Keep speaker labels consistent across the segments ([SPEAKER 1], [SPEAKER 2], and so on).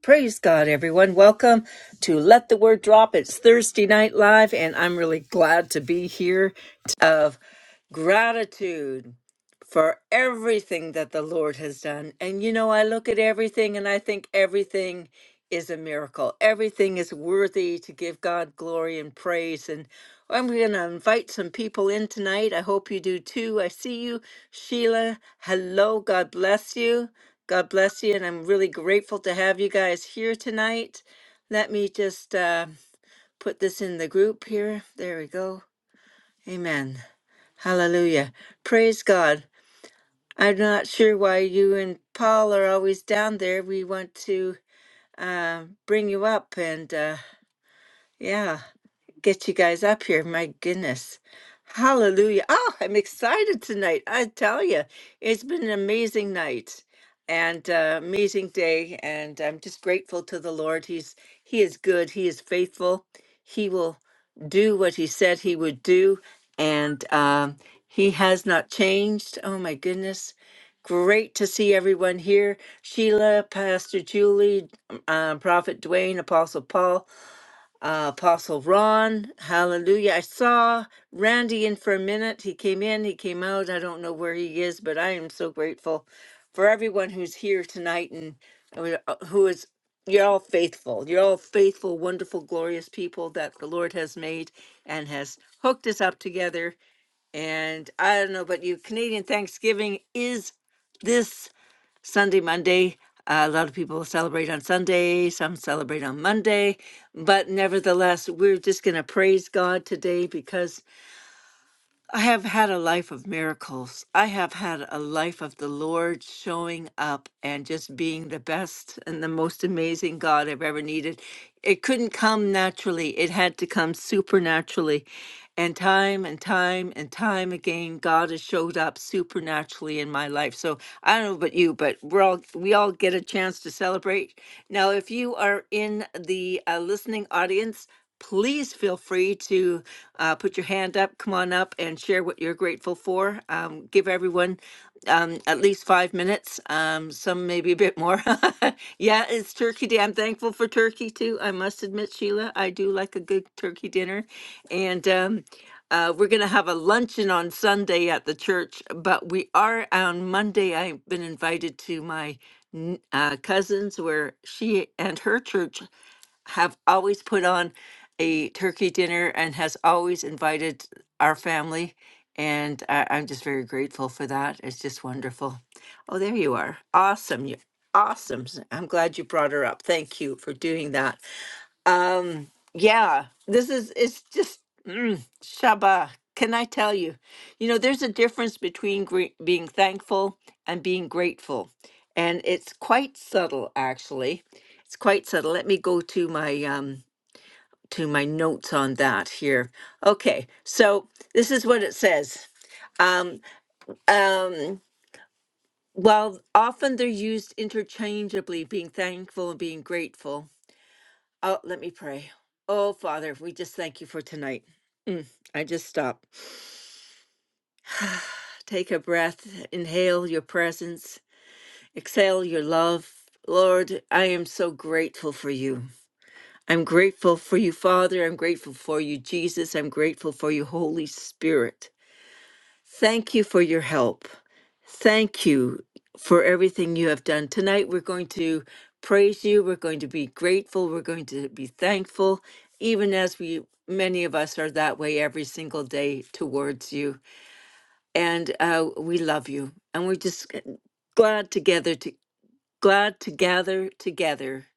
[SPEAKER 1] Praise God, everyone. Welcome to Let the Word Drop. It's Thursday Night Live, and I'm really glad to be here of gratitude for everything that the Lord has done. And you know, I look at everything and I think everything is a miracle. Everything is worthy to give God glory and praise. And I'm going to invite some people in tonight. I hope you do too. I see you, Sheila. Hello. God bless you. God bless you. And I'm really grateful to have you guys here tonight. Let me just uh, put this in the group here. There we go. Amen. Hallelujah. Praise God. I'm not sure why you and Paul are always down there. We want to uh, bring you up, and uh, yeah get you guys up here. My goodness. Hallelujah. Oh, I'm excited tonight. I tell you, it's been an amazing night and uh, amazing day. And I'm just grateful to the Lord. He's He is good. He is faithful. He will do what He said He would do. And um, He has not changed. Oh, my goodness. Great to see everyone here. Sheila, Pastor Julie, um, Prophet Dwayne, Apostle Paul uh, Apostle Ron. Hallelujah. I saw Randy in for a minute. He came in, he came out. I don't know where he is, but I am so grateful for everyone who's here tonight and uh, who is, you're all faithful. You're all faithful, wonderful, glorious people that the Lord has made and has hooked us up together. And I don't know about you, Canadian Thanksgiving is this. Sunday, Monday. Uh, a lot of people celebrate on Sunday, some celebrate on Monday. But nevertheless, we're just going to praise God today because I have had a life of miracles. I have had a life of the Lord showing up and just being the best and the most amazing God I've ever needed. It couldn't come naturally, it had to come supernaturally. And time and time and time again, God has showed up supernaturally in my life. So I don't know about you, but we're all we all get a chance to celebrate. Now, if you are in the uh, listening audience, please feel free to uh, put your hand up, come on up, and share what you're grateful for. Um, give everyone um, at least five minutes, um, some maybe a bit more. yeah, it's Turkey Day. I'm thankful for turkey too. I must admit, Sheila, I do like a good turkey dinner. And um, uh, we're going to have a luncheon on Sunday at the church, but we are on Monday. I've been invited to my n- uh, cousins where she and her church have always put on a turkey dinner and has always invited our family. And I, I'm just very grateful for that. It's just wonderful. Oh, there you are. Awesome. You awesome. I'm glad you brought her up. Thank you for doing that. Um, yeah, this is it's just mm, Shabbat. Can I tell you? You know, there's a difference between gre- being thankful and being grateful, and it's quite subtle, actually. It's quite subtle. Let me go to my um to my notes on that here. Okay, so this is what it says. Um, um, while often they're used interchangeably, being thankful and being grateful, Oh, let me pray. Oh, Father, we just thank you for tonight. I just stop. Take a breath, inhale your presence, exhale your love. Lord, I am so grateful for you. I'm grateful for you, Father. I'm grateful for you, Jesus. I'm grateful for you, Holy Spirit. Thank you for your help. Thank you for everything you have done. Tonight, we're going to praise you. We're going to be grateful. We're going to be thankful, even as we, many of us, are that way every single day towards you. And uh, we love you. And we're just g- glad together to glad to gather together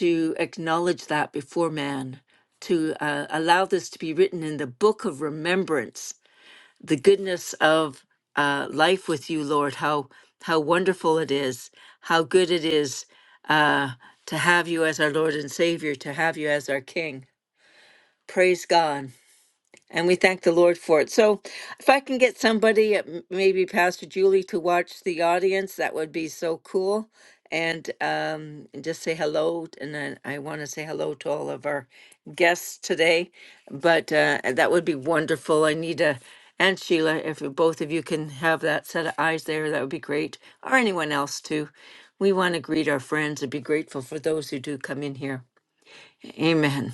[SPEAKER 1] to acknowledge that before man, to uh, allow this to be written in the book of remembrance the goodness of uh, life with you, Lord. How how wonderful it is! How good it is uh, to have you as our Lord and Savior, to have you as our King. Praise God. And we thank the Lord for it. So, if I can get somebody, uh, m- maybe Pastor Julie, to watch the audience, that would be so cool. And um, and just say hello. And then I want to say hello to all of our guests today. But uh, that would be wonderful. I need a and Sheila, if you- both of you can have that set of eyes there, that would be great. Or anyone else too. We want to greet our friends and be grateful for those who do come in here. Amen.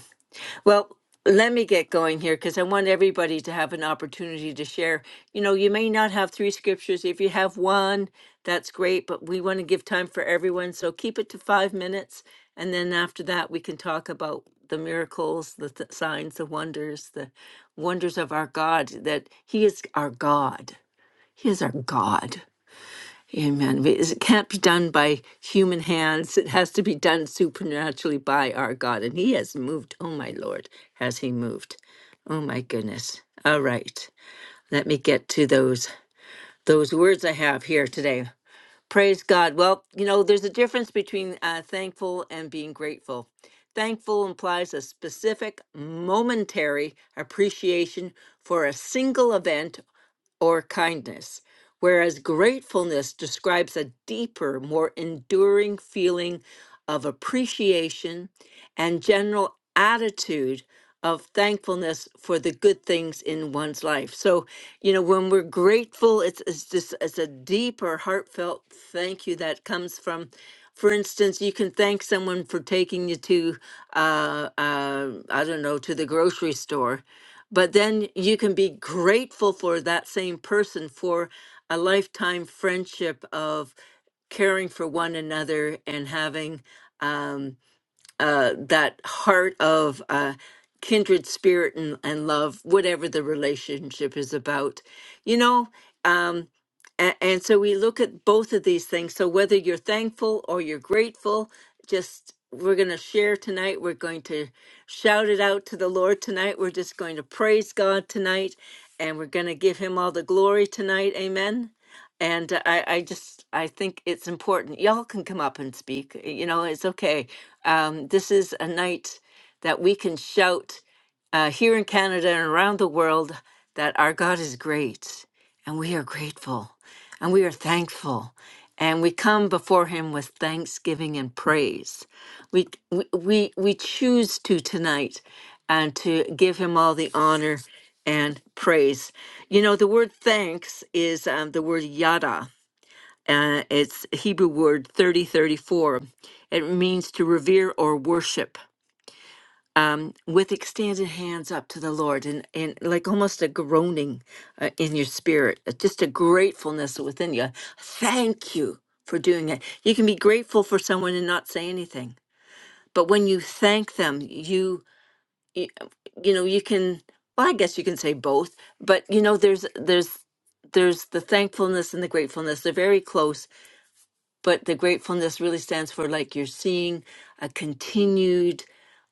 [SPEAKER 1] Well, let me get going here because I want everybody to have an opportunity to share. You know, you may not have three scriptures. If you have one, that's great, but we want to give time for everyone. So keep it to five minutes. And then after that, we can talk about the miracles, the th- signs, the wonders, the wonders of our God, that He is our God. He is our God. Amen. It can't be done by human hands. It has to be done supernaturally by our God. And He has moved. Oh, my Lord, has He moved? Oh, my goodness. All right. Let me get to those those words I have here today. Praise God. Well, you know, there's a difference between uh, thankful and being grateful. Thankful implies a specific, momentary appreciation for a single event or kindness, whereas gratefulness describes a deeper, more enduring feeling of appreciation and general attitude of thankfulness for the good things in one's life. So, you know, when we're grateful, it's, it's just it's a deeper, heartfelt thank you that comes from. For instance, you can thank someone for taking you to, uh, uh, I don't know, to the grocery store but then you can be grateful for that same person for a lifetime friendship of caring for one another and having um, uh, that heart of uh, kindred spirit and, and love, whatever the relationship is about, you know. Um, and, and so we look at both of these things. So whether you're thankful or you're grateful, just we're going to share tonight. We're going to shout it out to the Lord tonight. We're just going to praise God tonight, and we're going to give Him all the glory tonight. Amen and uh, I, I just I think it's important. Y'all can come up and speak. You know, it's okay. Um, this is a night that we can shout uh, here in Canada and around the world that our God is great, and we are grateful, and we are thankful, and we come before Him with thanksgiving and praise we we we we choose to tonight and to give him all the honor and praise you know the word thanks is um, the word yada uh, it's a hebrew word 3034 it means to revere or worship with extended hands up to the lord and, and like almost a groaning uh, in your spirit uh, just a gratefulness within you thank you for doing it you can be grateful for someone and not say anything but when you thank them you you, you know you can well i guess you can say both but you know there's there's there's the thankfulness and the gratefulness they're very close but the gratefulness really stands for like you're seeing a continued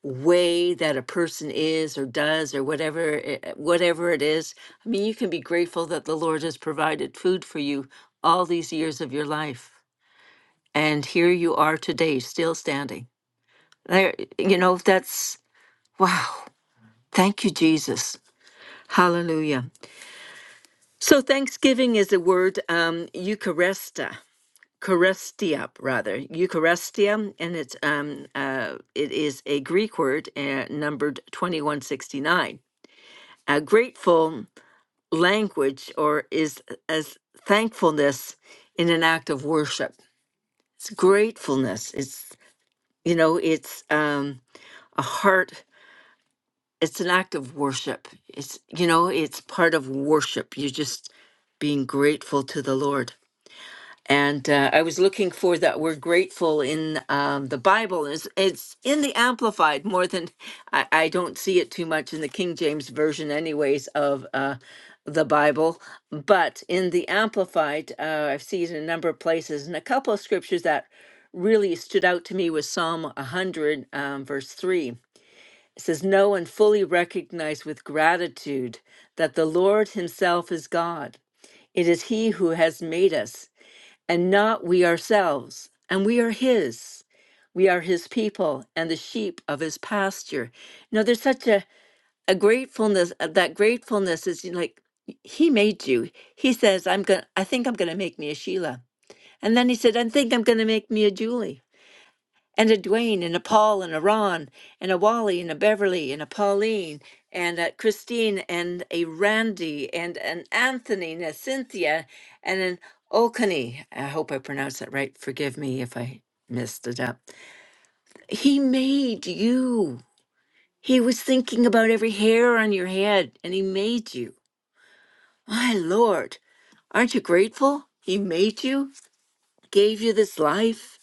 [SPEAKER 1] way that a person is or does or whatever it, whatever it is i mean you can be grateful that the lord has provided food for you all these years of your life and here you are today still standing there you know that's Wow. Thank you, Jesus. Hallelujah. So thanksgiving is the word um, Eucharista, Eucharistia rather, Eucharistia, and it's um, uh, it is a Greek word uh, numbered twenty one sixty nine. A grateful language, or is as thankfulness in an act of worship. It's gratefulness. It's you know, it's um, a heart it's an act of worship. It's you know, it's part of worship. You're just being grateful to the Lord. And uh, I was looking for that word grateful in um, the Bible. It's, it's in the Amplified more than I, I don't see it too much in the King James version, anyways, of uh, the Bible. But in the Amplified, uh, I've seen it in a number of places, and a couple of scriptures that really stood out to me was Psalm 100, um, verse 3 it says, Know and fully recognize with gratitude that the Lord Himself is God. It is He who has made us, and not we ourselves, and we are His. We are His people and the sheep of His pasture. You know, there's such a, a gratefulness. uh, That gratefulness is you know, like, He made you. He says, I'm going to I think I'm gonna make me a Sheila. And then he said, I think I'm gonna make me a Julie and a Dwayne and a Paul and a Ron and a Wally and a Beverly and a Pauline and a Christine and a Randy and an Anthony and a Cynthia and an Okani. I hope I pronounced that right. Forgive me if I messed it up. He made you. He was thinking about every hair on your head and he made you. My Lord, aren't you grateful? He made you, gave you this life.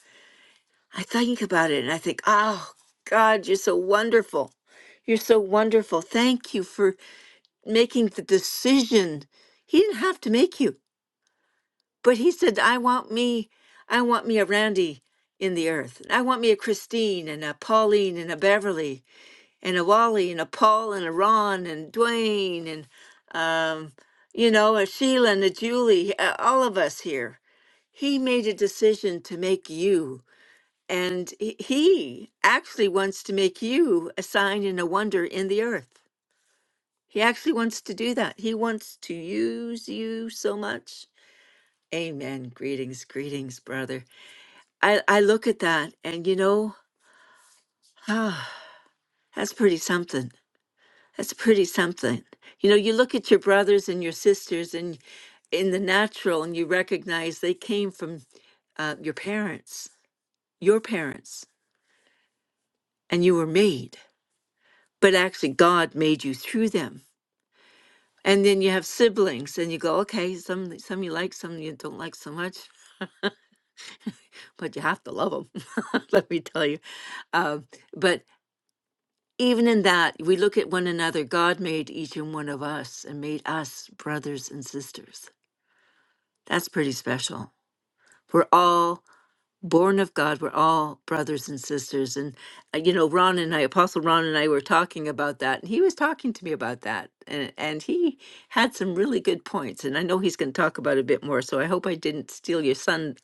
[SPEAKER 1] I think about it and I think, oh, God, you're so wonderful. You're so wonderful. Thank you for making the decision. He didn't have to make you, but he said, I want me, I want me a Randy in the earth. I want me a Christine and a Pauline and a Beverly and a Wally and a Paul and a Ron and Dwayne and, um, you know, a Sheila and a Julie, uh, all of us here. He made a decision to make you and he he actually wants to make you a sign and a wonder in the earth. He actually wants to do that. He wants to use you so much. Amen. Greetings, greetings, brother. I, I look at that and you know, ah, that's pretty something. That's pretty something. You know, you look at your brothers and your sisters and in the natural and you recognize they came from uh, your parents, your parents, and you were made, but actually God made you through them And then you have siblings, and you go, okay, some some you like, some you don't like so much, but you have to love them. Let me tell you. Um, but even in that, we look at one another. God made each and one of us, and made us brothers and sisters. That's pretty special. We're all born of God, we're all brothers and sisters. And, uh, you know, Ron and I, Apostle Ron and I were talking about that. And he was talking to me about that. And, and he had some really good points. And I know he's going to talk about it a bit more. So I hope I didn't steal your sun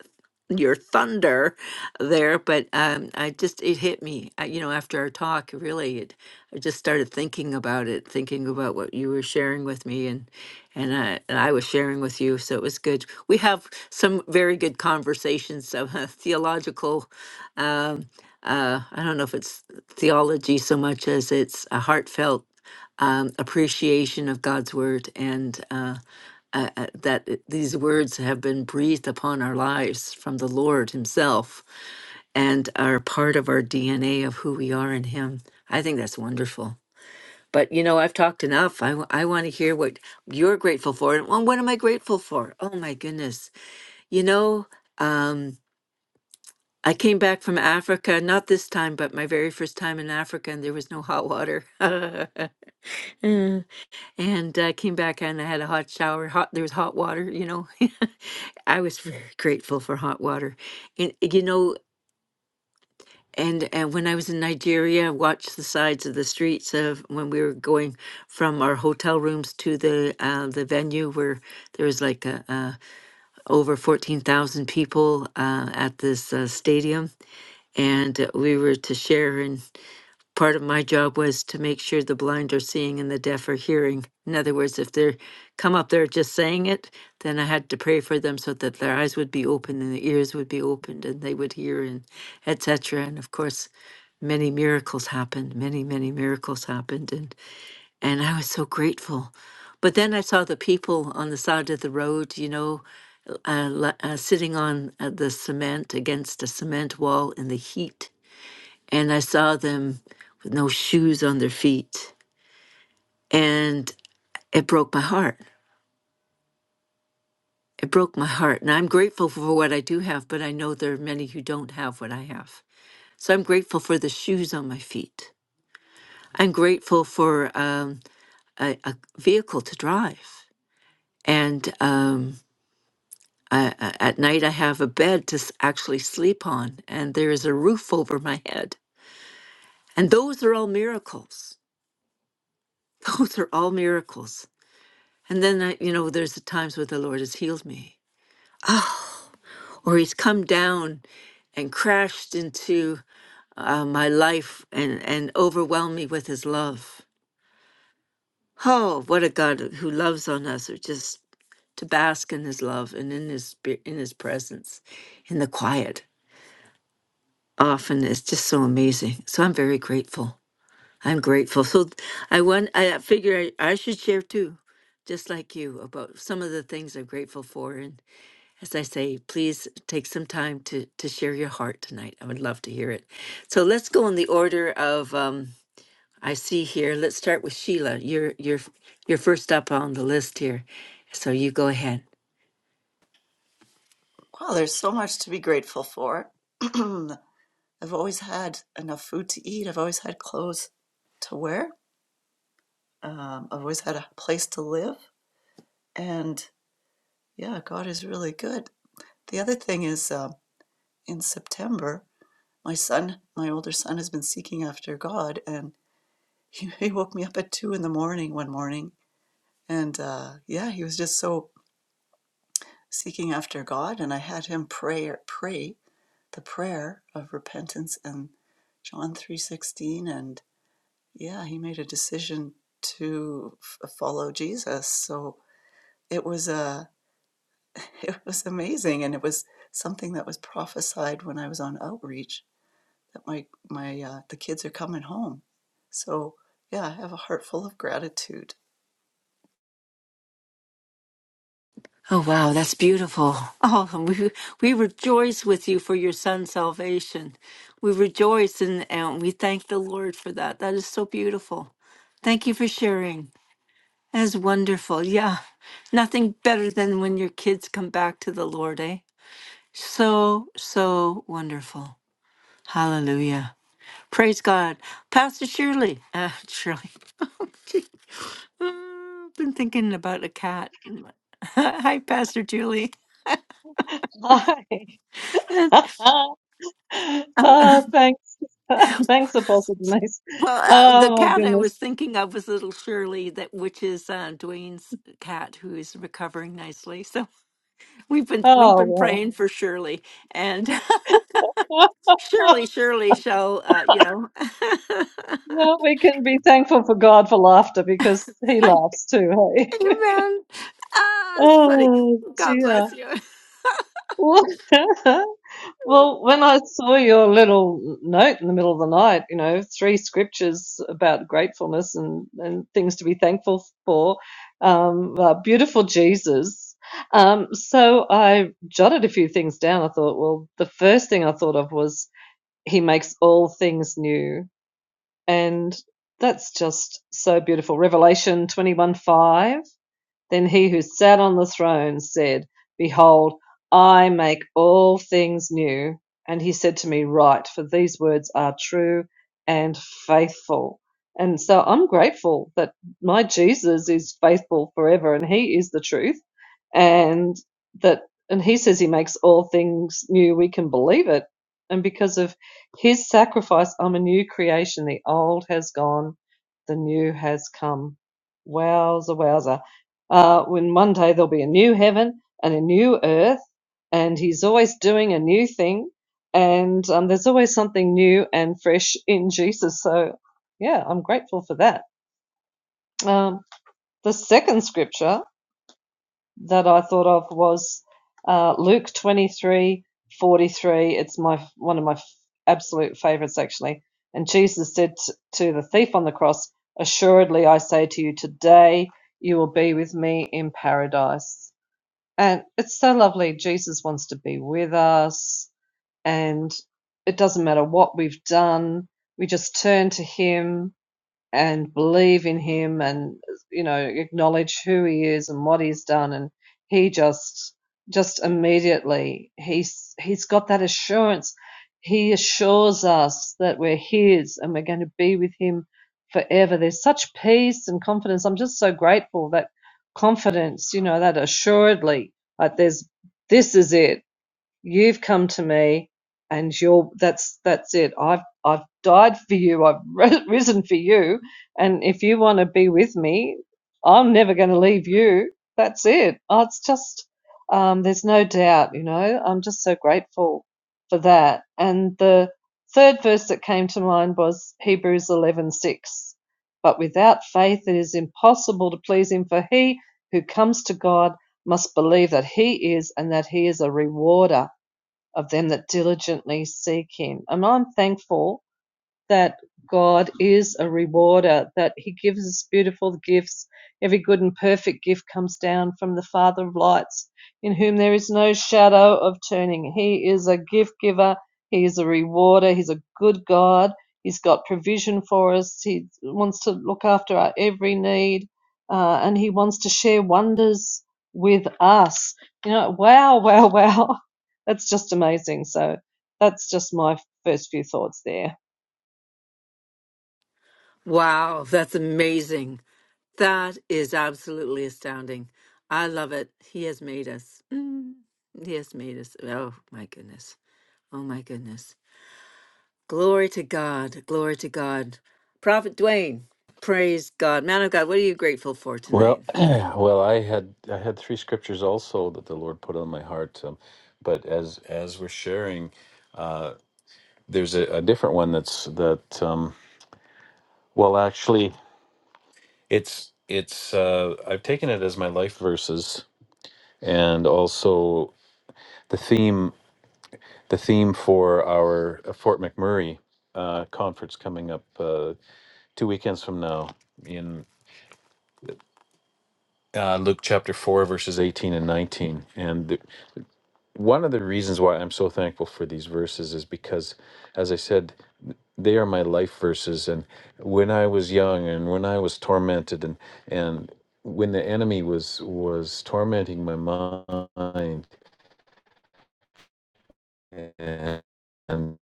[SPEAKER 1] your thunder there but um i just it hit me I, you know after our talk really it i just started thinking about it thinking about what you were sharing with me and and i and i was sharing with you so it was good we have some very good conversations of uh, theological um uh i don't know if it's theology so much as it's a heartfelt um, appreciation of God's word and uh, uh, uh, that it- these words have been breathed upon our lives from the Lord Himself and are part of our DNA of who we are in Him. I think that's wonderful. But you know, I've talked enough. I, w- I want to hear what you're grateful for. And well, what am I grateful for? Oh my goodness. You know, um, I came back from Africa, not this time, but my very first time in Africa, and there was no hot water. and uh, came back and I had a hot shower. Hot there was hot water, you know. I was very grateful for hot water, and you know, and and when I was in Nigeria, I watched the sides of the streets of when we were going from our hotel rooms to the uh, the venue where there was like a, uh, over fourteen thousand people uh, at this uh, stadium, and uh, we were to share in part of my job was to make sure the blind are seeing and the deaf are hearing. In other words, if they come up there just saying it, then I had to pray for them so that their eyes would be opened and their ears would be opened and they would hear and etc. And of course, many miracles happened, many many miracles happened, and and I was so grateful. But then I saw the people on the side of the road, you know, uh, la- uh, sitting on uh, the cement against a cement wall in the heat and I saw them with no shoes on their feet. And it broke my heart. It broke my heart. And I'm grateful for what I do have, but I know there are many who don't have what I have. So I'm grateful for the shoes on my feet. I'm grateful for um, a, a vehicle to drive. And um, I, I- at night, I have a bed to s- actually sleep on, and there is a roof over my head. And those are all miracles. Those are all miracles. And then, I, you know, there's the times where the Lord has healed me, or He's come down and crashed into uh, my life and, and overwhelmed me with His love. Oh, what a God who loves on us, or just to bask in His love and in His spi- in His presence, in the quiet. Often is just so amazing. So I'm very grateful. I'm grateful. So th- I want. I figure I, I should share too, just like you, about some of the things I'm grateful for and. as I say, please take some time to to share your heart tonight. I would love to hear it. So let's go in the order of um, I see here. Let's start with Sheila. You're you're you're first up on the list here, so you go ahead.
[SPEAKER 2] Wow, there's so much to be grateful for. I've always had enough food to eat. I've always had clothes to wear. Um, I've always had a place to live. And yeah, God is really good. The other thing is um, in September, my son, my older son, has been seeking after God. And he, he woke me up at two in the morning one morning. And uh, yeah, he was just so seeking after God. And I had him pray, pray the prayer of repentance and John 3:16 and yeah, he made a decision to f- follow Jesus. So it was a it was amazing and it was something that was prophesied when I was on outreach that my my uh, the kids are coming home. So yeah, I have a heart full of gratitude
[SPEAKER 1] Oh, wow, that's beautiful. Oh, and we, we rejoice with you for your son's salvation. We rejoice and, and we thank the Lord for that. That is so beautiful. Thank you for sharing. That is wonderful. Yeah, nothing better than when your kids come back to the Lord, eh? So, so wonderful. Hallelujah. Praise God. Pastor Shirley. Uh, Shirley. I've been thinking about a cat. Hi, Pastor Julie.
[SPEAKER 3] Hi.
[SPEAKER 1] Oh,
[SPEAKER 3] Uh, thanks. Thanks, Apostle Denise.
[SPEAKER 1] well, uh, the
[SPEAKER 3] Oh my
[SPEAKER 1] cat I
[SPEAKER 3] goodness.
[SPEAKER 1] was thinking of was little Shirley, that which is uh, Dwayne's cat, who is recovering nicely. So we've been we've been
[SPEAKER 3] Oh
[SPEAKER 1] praying for Shirley, and
[SPEAKER 3] well.
[SPEAKER 1] Shirley, Shirley shall, uh, you know,
[SPEAKER 3] Well, we can be thankful for God for laughter because He
[SPEAKER 1] I
[SPEAKER 3] laughs too, hey?
[SPEAKER 1] Amen. Ah, it's funny.
[SPEAKER 3] Oh
[SPEAKER 1] God
[SPEAKER 3] dear.
[SPEAKER 1] bless you.
[SPEAKER 3] Well, when I saw your little note in the middle of the night, you know, three scriptures about gratefulness and, and things to be thankful for, um, uh, beautiful Jesus. Um, so I jotted a few things down. I thought, well, the first thing I thought of was he makes all things new. And that's just so beautiful. Revelation twenty one five. Then he who sat on the throne said, Behold, I make all things new. And he said to me, Write, for these words are true and faithful. And so I'm grateful that my Jesus is faithful forever and he is the truth. And that, and he says he makes all things new. We can believe it. And because of his sacrifice, I'm a new creation. The old has gone, the new has come. Wowza, wowza. Uh, when one day there'll be a new heaven and a new earth, and He's always doing a new thing, and um, there's always something new and fresh in Jesus. So, yeah, I'm grateful for that. Um, the second scripture that I thought of was uh, Luke 23:43. It's my one of my f- absolute favorites, actually. And Jesus said t- to the thief on the cross, Assuredly, I say to you, today you will be with me in paradise. And it's so lovely. Jesus wants to be with us, and it doesn't matter what we've done, we just turn to Him and believe in him and you know acknowledge who he is and what he's done and he just just immediately he's he's got that assurance he assures us that we're his and we're going to be with him forever there's such peace and confidence i'm just so grateful that confidence you know that assuredly like there's this is it You've come to me, and you're that's that's it. I've I've died for you. I've risen for you, and if you want to be with me, I'm never going to leave you. That's it. Oh, it's just um, there's no doubt. You know, I'm just so grateful for that. And the third verse that came to mind was Hebrews 11:6. But without faith, it is impossible to please Him. For he who comes to God must believe that He is, and that He is a rewarder of them that diligently seek him. And I'm thankful that God is a rewarder, that He gives us beautiful gifts. Every good and perfect gift comes down from the Father of lights, in whom there is no shadow of turning. He is a gift giver, He is a rewarder, He's a good God. He's got provision for us, He wants to look after our every need, uh, and He wants to share wonders with us. You know, wow, wow, wow. That's just amazing. So that's just my first few thoughts there.
[SPEAKER 1] Wow, that's amazing. That is absolutely astounding. I love it. He has made us. Mm, he has made us. Oh, my goodness. Oh, my goodness. Glory to God. Glory to God. Prophet Dwayne, praise God. Man of God, what are you grateful for tonight?
[SPEAKER 4] Well, well, I had I had three scriptures also that the Lord put on my heart. Um, but as as we're sharing, uh, there's a, a different one that's that. Um, well, actually, it's it's uh, I've taken it as my life verses, and also the theme the theme for our uh, Fort McMurray uh, conference coming up uh, two weekends from now in uh, Luke chapter four verses eighteen and nineteen, and One of the reasons why I'm so thankful for these verses is because, as I said, they are my life verses. And when I was young, and when I was tormented, and and when the enemy was was tormenting my mind, and, and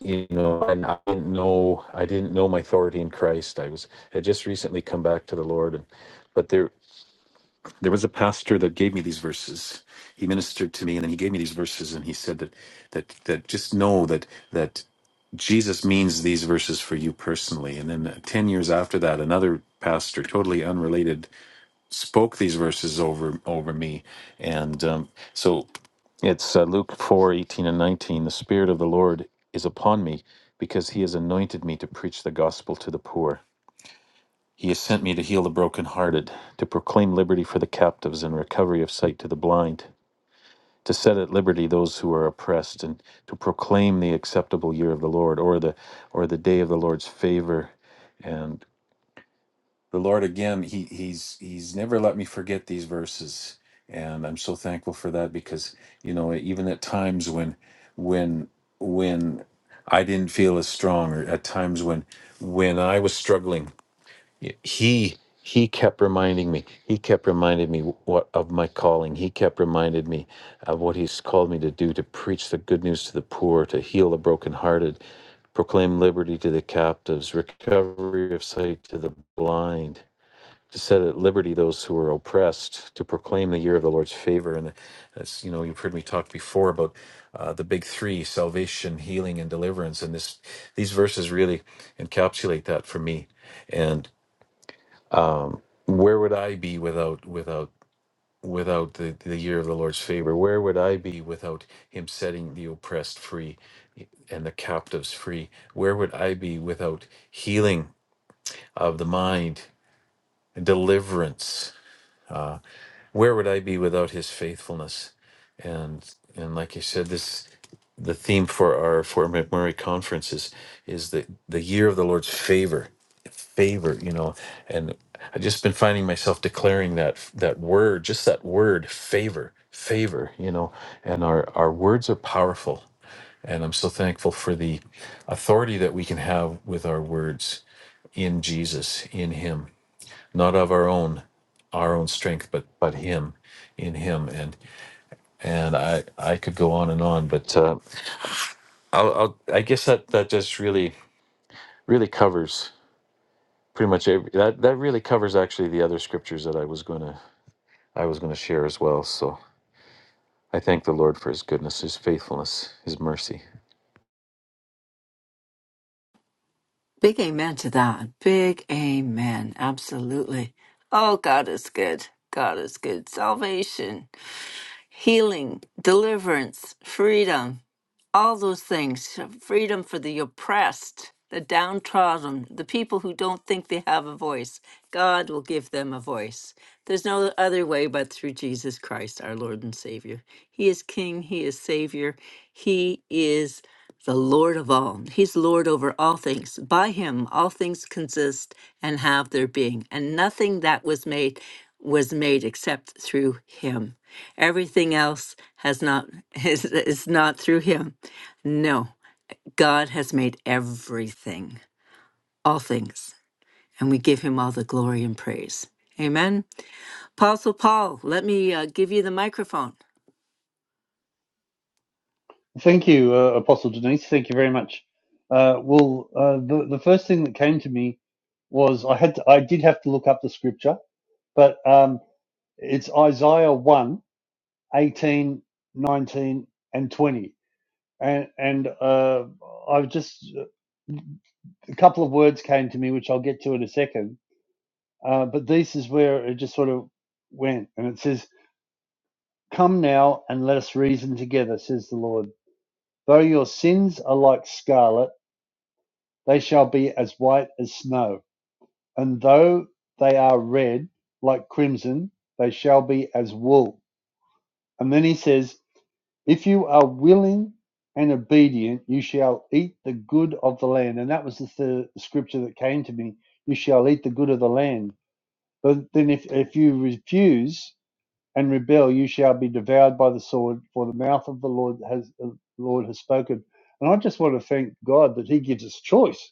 [SPEAKER 4] you know, and I didn't know I didn't know my authority in Christ. I was had just recently come back to the Lord, and but there there was a pastor that gave me these verses. He ministered to me, and then he gave me these verses, and he said that that that just know that that Jesus means these verses for you personally. And then uh, ten years after that, another pastor, totally unrelated, spoke these verses over over me, and um, so it's uh, Luke four eighteen and nineteen. The Spirit of the Lord is upon me because He has anointed me to preach the gospel to the poor. He has sent me to heal the brokenhearted, to proclaim liberty for the captives and recovery of sight to the blind, to set at liberty those who are oppressed, and to proclaim the acceptable year of the Lord or the or the day of the Lord's favor. And the Lord again, he he's he's never let me forget these verses. And I'm so thankful for that because, you know, even at times when when when I didn't feel as strong or at times when when I was struggling yeah, he he kept reminding me he kept reminding me what of my calling he kept reminded me of what he's called me to do to preach the good news to the poor to heal the brokenhearted proclaim liberty to the captives recovery of sight to the blind to set at liberty those who are oppressed to proclaim the year of the lord's favor and that's you know you've heard me talk before about uh, the big three salvation healing and deliverance and this these verses really encapsulate that for me And where would I be without without without the, the year of the Lord's favor? Where would I be without him setting the oppressed free and the captives free? Where would I be without healing of the mind, deliverance? where would I be without his faithfulness? And and like you said, this the theme for our Fort McMurray conference is is the, the year of the Lord's favor. Favor, you know. And I've just been finding myself declaring that that word, just that word, favor, favor, you know. And our, our words are powerful. And I'm so thankful for the authority that we can have with our words in Jesus, in Him not of our own our own strength but but him in him and and i i could go on and on but uh i'll, I'll i guess that that just really really covers pretty much every that that really covers actually the other scriptures that i was going to i was going to share as well so i thank the lord for his goodness his faithfulness his mercy
[SPEAKER 1] Big amen to that. Big amen. Absolutely. Oh, God is good. God is good. Salvation. healing, deliverance, freedom, all those things freedom for the oppressed, the downtrodden, the people who don't think they have a voice. God will give them a voice. There's no other way but through Jesus Christ, our Lord and Savior. He is King, He is Savior, He is the Lord of all. He's Lord over all things. By Him, all things consist and have their being, and nothing that was made was made except through Him. Everything else has not is, is not through him. No, God has made everything, all things, and we give him all the glory and praise. Amen. Apostle Paul, let me uh, give you the microphone.
[SPEAKER 5] Thank you, uh, Apostle Denise. Thank you very much. Uh, well, uh, the the first thing that came to me was I had to, I did have to look up the scripture, but um, it's Isaiah one 18, 19, and twenty, and and uh, I've just a couple of words came to me, which I'll get to in a second. Uh, but this is where it just sort of went, and it says, "Come now and let us reason together," says the Lord. Though your sins are like scarlet They shall be as white as snow; and though they are red like crimson, they shall be as wool. And then he says, If you are willing and obedient, you shall eat the good of the land. And that was the third scripture that came to me. You shall eat the good of the land. But then if, if you refuse and rebel, you shall be devoured by the sword, for the mouth of the Lord has the Lord has spoken. And I just want to thank God that He gives us choice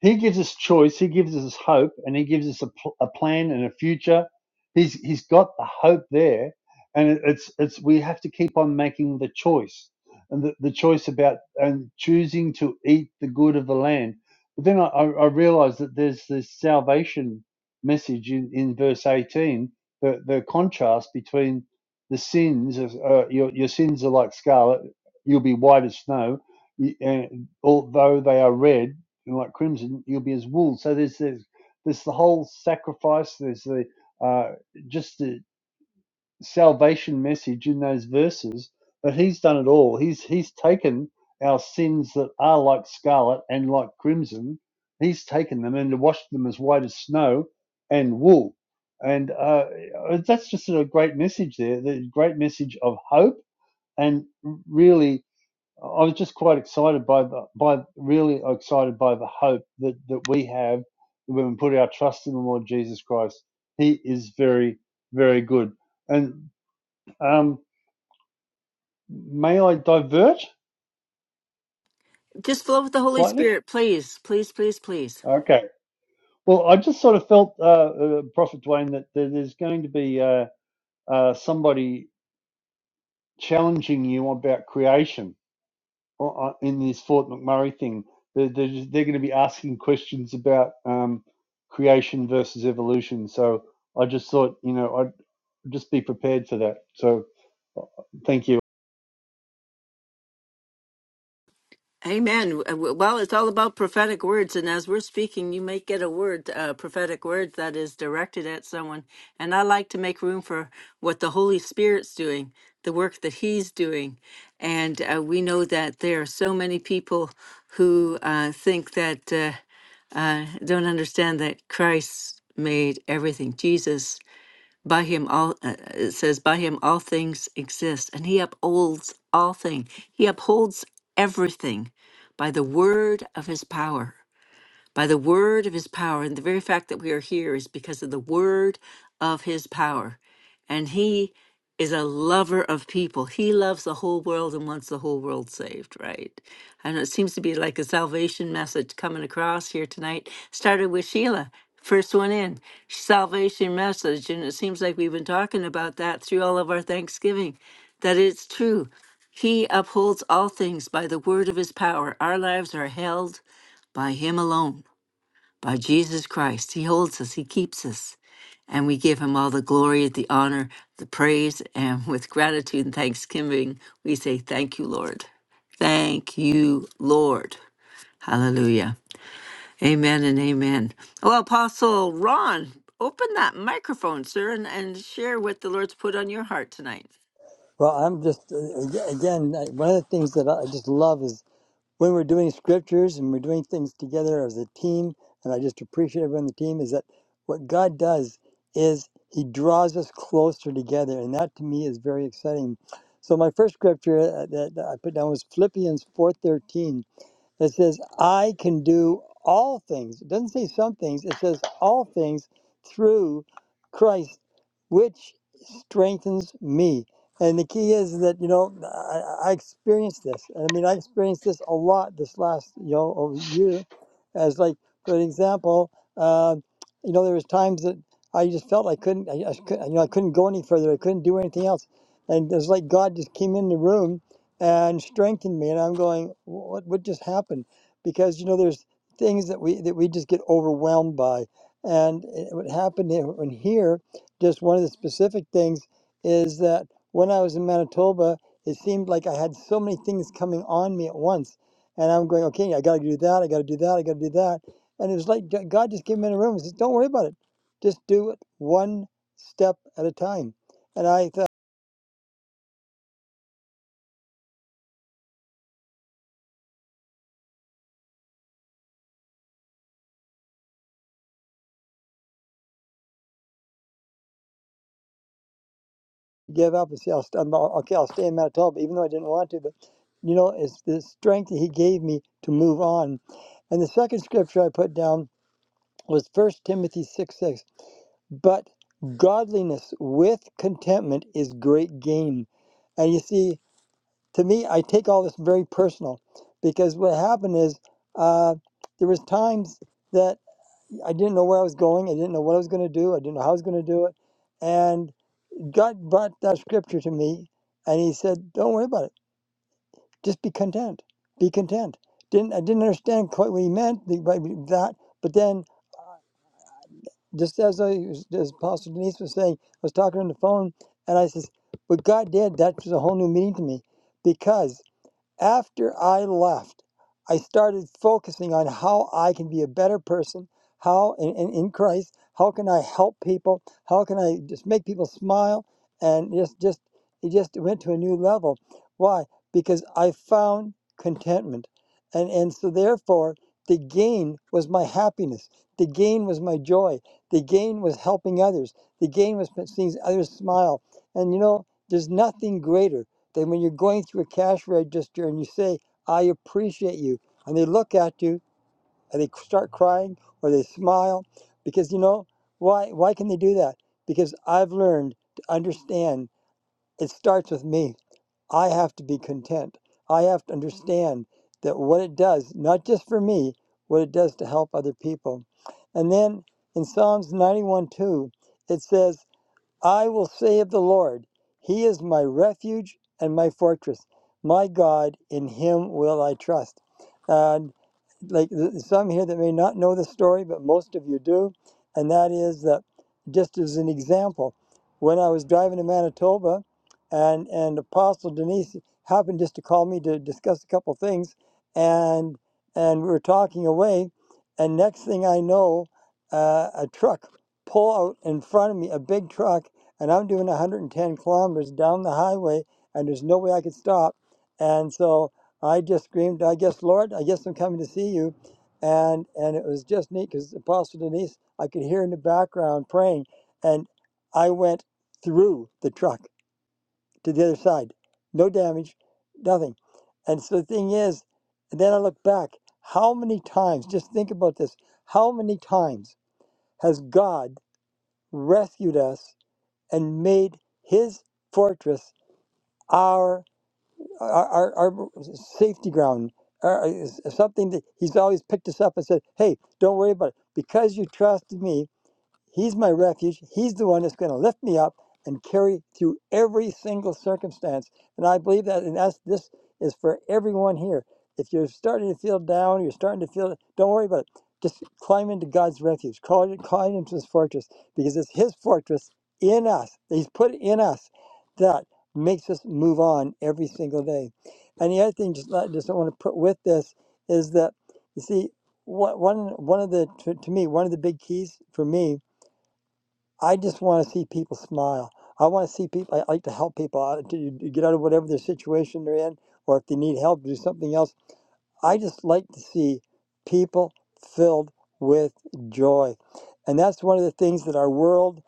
[SPEAKER 5] He gives us choice. He gives us hope, and he gives us a, pl- a plan and a future. He's he's got the hope there, and it, it's it's we have to keep on making the choice, and the, the choice about and choosing to eat the good of the land. But then I, I, I realized that there's this salvation message in, in verse 18. The the contrast between the sins of uh, your your sins are like scarlet. You'll be white as snow, y- and although they are red you're like crimson, you'll be as wool. So there's there's, there's the whole sacrifice. There's the uh, just the salvation message in those verses. But he's done it all. He's he's taken our sins that are like scarlet and like crimson. He's taken them and washed them as white as snow and wool. And uh, that's just a great message there. The great message of hope and really I was just quite excited by the by really excited by the hope that that we have when we put our trust in the Lord Jesus Christ. He is very very good. And um, may I divert
[SPEAKER 1] Just flow with the Holy
[SPEAKER 5] slightly?
[SPEAKER 1] Spirit, please, please, please, please.
[SPEAKER 5] Okay. Well, I just sort of felt, uh, uh, Prophet Dwayne, that, there's going to be uh, uh, somebody challenging you about creation uh, uh, in this Fort McMurray thing. They're, they're, just, they're going to be asking questions about um, creation versus evolution. So I just thought, you know, I'd just be prepared for that. So uh, thank you.
[SPEAKER 1] Amen. Uh, Well, it's all about prophetic words. And as we're speaking, you may get a word, a prophetic word that is directed at someone. And I like to make room for what the Holy Spirit's doing, the work that He's doing. And uh, we know that there are so many people who uh, think that, uh, uh, don't understand that Christ made everything. Jesus by him all uh, uh, it says by him all things exist and he upholds all things. He upholds everything by the word of his power by the word of his power. And the very fact that we are here is because of the word of his power. And he is a lover of people. He loves the whole world and wants the whole world saved, right? And it seems to be like a salvation message coming across here tonight. Started with Sheila, first one in, salvation message. And it seems like we've been talking about that through all of our Thanksgiving, that it's true. He upholds all things by the word of his power. Our lives are held by him alone by Jesus Christ. He holds us, He keeps us, and we give Him all the glory, the honor, the praise, and with gratitude and thanksgiving, we say, Thank you, Lord. Thank you, Lord. Hallelujah. Amen and amen. Well, Apostle Ron, open that microphone, sir, and, and share what the Lord's put on your heart tonight.
[SPEAKER 6] Well, I'm just uh, again I- one of the things that I just love is when we're doing scriptures and we're doing things together as a team, and I just appreciate everyone on the team is that what God does is He draws us closer together, and that to me is very exciting. So my first scripture uh, that I put down was Philippians four thirteen that says, I can do all things. It doesn't say some things, it says all things through Christ, which strengthens me. And the key is that, you know, I, I experienced this. I mean, I experienced this a lot this last, you know, over year. As like, for example, uh, you know, there was times that I just felt I couldn't, I, I, couldn't- you know, I couldn't go any further. I couldn't do anything else. And it was like God just came in the room and strengthened me. And I'm going, what what just happened? Because you know, there's things that we that we just get overwhelmed by, and it, what happened here, when here, just one of the specific things is that when I was in Manitoba, it seemed like I had so many things coming on me at once, and I'm going, okay, I got to do that, I got to do that, I got to do that, and it was like G- God just came in the room and says, don't worry about it, just do it one step at a time. And I thought. give up and say, I'll, st- I'm, okay, I'll stay in Manitoba, even though I didn't want to. But, you know, it's the strength that he gave me to move on. And the second scripture I put down was First Timothy 6 6. But godliness with contentment is great gain. And you see, to me, I take all this very personal because what happened is uh, there was times that I didn't know where I was going. I didn't know what I was going to do. I didn't know how I was going to do it. and God brought that scripture to me, and He said, "Don't worry about it. Just be content. Be content." Didn't I didn't understand quite what He meant the- by that, but then just as I was- as Apostle Denise was saying, I was talking on the phone, and I says, "What God did, that was a whole new meaning to me, because." After I left, I started focusing on how I can be a better person, how in, in, in Christ, how can I help people, how can I just make people smile, and just just it just went to a new level. Why? Because I found contentment, and and so therefore the gain was my happiness, the gain was my joy, the gain was helping others, the gain was seeing others smile, and you know there's nothing greater. Then when you're going through a cash register and you say, I appreciate you, and they look at you and they start crying or they smile, because you know, why why can they do that? Because I've learned to understand it starts with me. I have to be content. I have to understand that what it does, not just for me, what it does to help other people. And then in Psalms 91 2, it says, I will say of the Lord, He is my refuge and my fortress. My God, in Him will I trust. Uh, like some here that may not know the story, but most of you do. And that is that, just as an example, when I was driving to Manitoba, and and Apostle Denise happened just to call me to discuss a couple things, and and we were talking away, and next thing I know, uh, a truck pull out in front of me, a big truck, and I'm doing 110 kilometers down the highway, and there's no way I could stop, and so. I just screamed, I guess, Lord, I guess I'm coming to see you. And and it was just neat because Apostle Denise, I could hear in the background praying. And I went through the truck to the other side. No damage, nothing. And so the thing is, and then I look back, how many times, just think about this, how many times has God rescued us and made his fortress our our, our, our safety ground, or something that he's always picked us up and said, hey, don't worry about it. Because you trusted me, He's my refuge. He's the one that's going to lift me up and carry through every single circumstance. And I believe that, and that's this is for everyone here. If you're starting to feel down, you're starting to feel, don't worry about it. Just climb into God's refuge. Call it, climb into His fortress because it's His fortress in us. that He's put in us that makes us move on every single day. And the other thing, just I just want to put with this is that you see, one one one of the to, to me one of the big keys for me I just want to see people smile. I want to see people. I like to help people out to, to get out of whatever their situation they're in, or if they need help, do something else. I just like to see people filled with joy, and that's one of the things that our world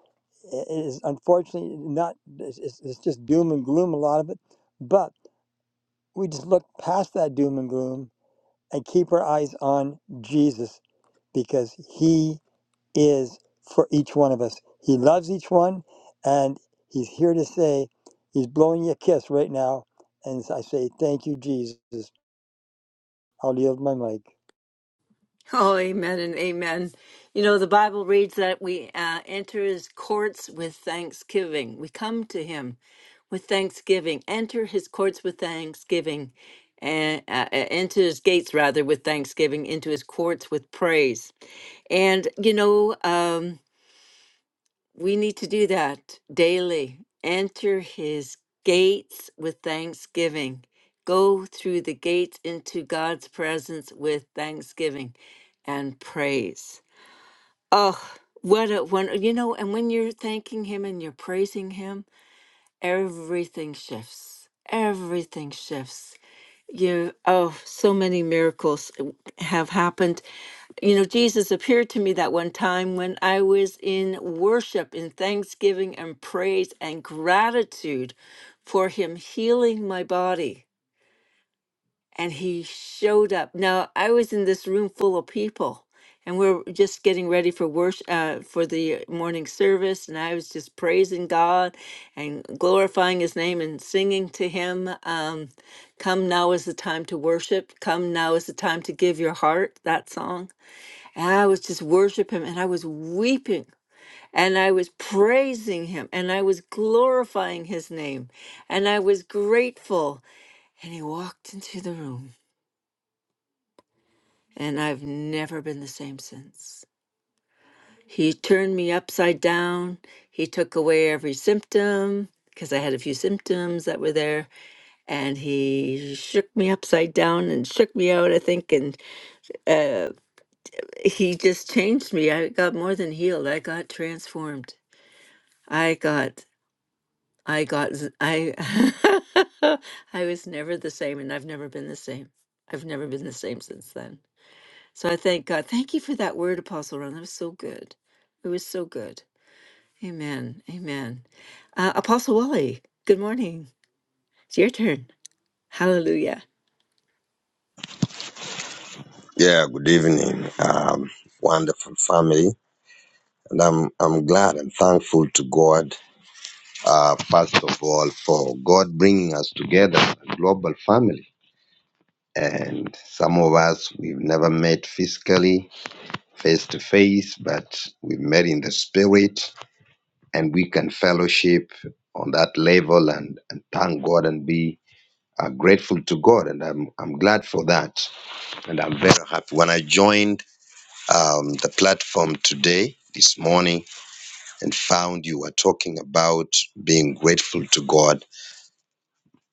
[SPEAKER 6] i- is unfortunately not. It's, it's it's just doom and gloom a lot of it, but we just look past that doom and gloom and keep our eyes on Jesus because He is for each one of us. He loves each one, and He's here to say, He's blowing you a kiss right now. And I say, Thank you, Jesus. I'll yield my mic.
[SPEAKER 1] Oh, amen and amen. You know, the Bible reads that we uh, enter his courts with thanksgiving. We come to him with thanksgiving, enter his courts with thanksgiving, and uh, uh, into his gates, rather, with thanksgiving, into his courts with praise. And, you know, um, we need to do that daily. Enter his gates with thanksgiving. Go through the gates into God's presence with thanksgiving and praise. Oh, what a one, you know, and when you're thanking him and you're praising him, everything shifts. Everything shifts. Yeah. Oh, so many miracles uh, have happened. You know, Jesus appeared to me that one time when I was in worship, in thanksgiving and praise and gratitude for him healing my body and he showed up. Now I was in this room full of people, and we are just getting ready for worship uh, for the morning service, and I was just praising God and glorifying His name and singing to Him. Um, Come now is the time to worship. Come now is the time to give your heart. That song. And I was just worship Him, and I was weeping, and I was praising Him, and I was glorifying His name, and I was grateful. And He walked into the room and I've never been the same since. He turned me upside down. He took away every symptom because I had a few symptoms that were there, and he shook me upside down and shook me out, I think. And uh, he just changed me. I got more than healed, I got transformed. I got, I got, z- I, I was never the same, and I've never been the same. I've never been the same since then. So I thank God. Thank you for that word, Apostle Ron. That was so good. It was so good. Amen. Amen. Uh, Apostle Wally, good morning. It's your turn. Hallelujah.
[SPEAKER 7] Yeah, good evening, um, wonderful family, and I'm I'm glad and thankful to God, uh, first of all, for God bringing us together, a global family. And some of us we've never met physically, face to face, but we've met in the spirit, and we can fellowship on that level and, and thank God and be uh, grateful to God. And I'm I'm glad for that, and I'm very happy when I joined. um, the platform today, this morning, and found you were talking about being grateful to God.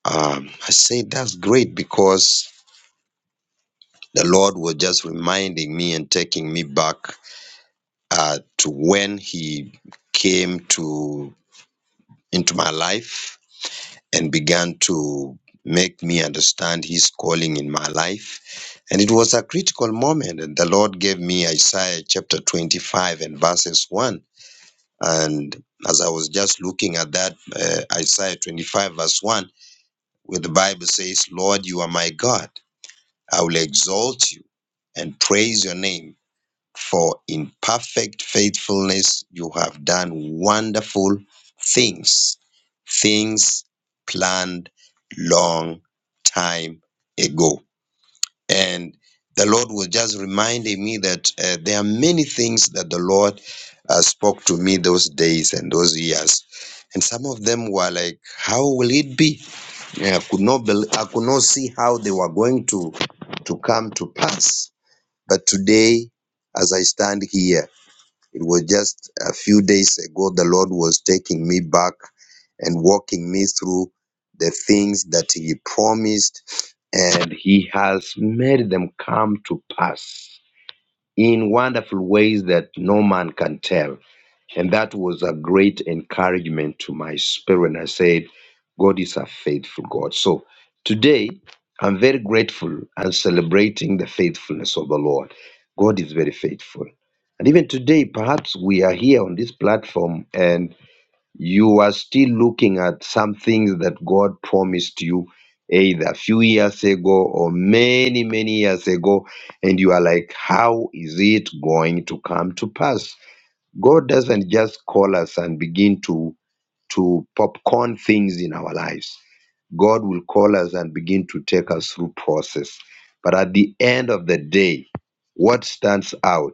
[SPEAKER 7] Um, I said, that's great because the Lord was just reminding me and taking me back uh, to when He came to into my life and began to make me understand His calling in my life. And it was a critical moment, and the Lord gave me Isaiah chapter 25 and verses 1 And as I was just looking at that, uh, Isaiah 25, verse 1, where the Bible says, Lord, you are my God. I will exalt you and praise your name, for in perfect faithfulness you have done wonderful things, things planned long time ago. And the Lord was just reminding me that uh, there are many things that the Lord uh, spoke to me those days and those years. And some of them were like, how will it be? Yeah, I could not bel I could not see how they were going to to come to pass. But today, as I stand here, it was just a few days ago the Lord was taking me back and walking me through the things that He promised, and He has made them come to pass in wonderful ways that no man can tell. And that was a great encouragement to my spirit. And I said, God is a faithful God. So today, I'm very grateful and celebrating the faithfulness of the Lord. God is very faithful. And even today, perhaps we are here on this platform and you are still looking at some things that God promised you either a few years ago or many, many years ago. And you are like, how is it going to come to pass? God doesn't just call us and begin to to popcorn things in our lives. God will call us and begin to take us through process. But at the end of the day, what stands out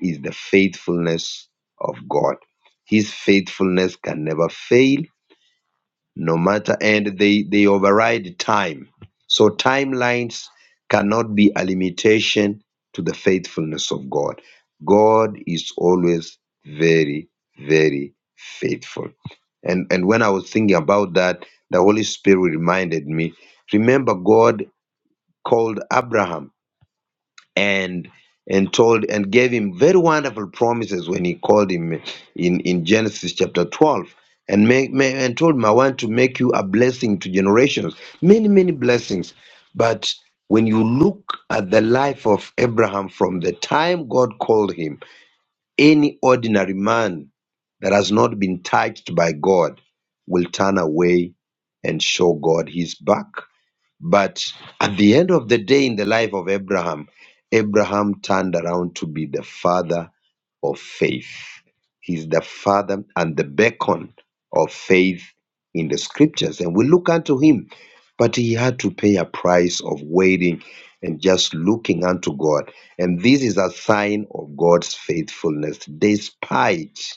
[SPEAKER 7] is the faithfulness of God. His faithfulness can never fail no matter and they they override time so timelines cannot be a limitation to the faithfulness of god god is always very very faithful and and when i was thinking about that the holy spirit reminded me remember god called abraham and and told and gave him very wonderful promises when he called him in, in Genesis chapter 12 and make, ma- and told him I want to make you a blessing to generations many many blessings but when you look at the life of Abraham from the time God called him any ordinary man that has not been touched by God will turn away and show God his back but at the end of the day, in the life of Abraham, Abraham turned around to be the father of faith. He's the father and the beacon of faith in the scriptures. And we look unto him, but he had to pay a price of waiting and just looking unto God. And this is a sign of God's faithfulness, despite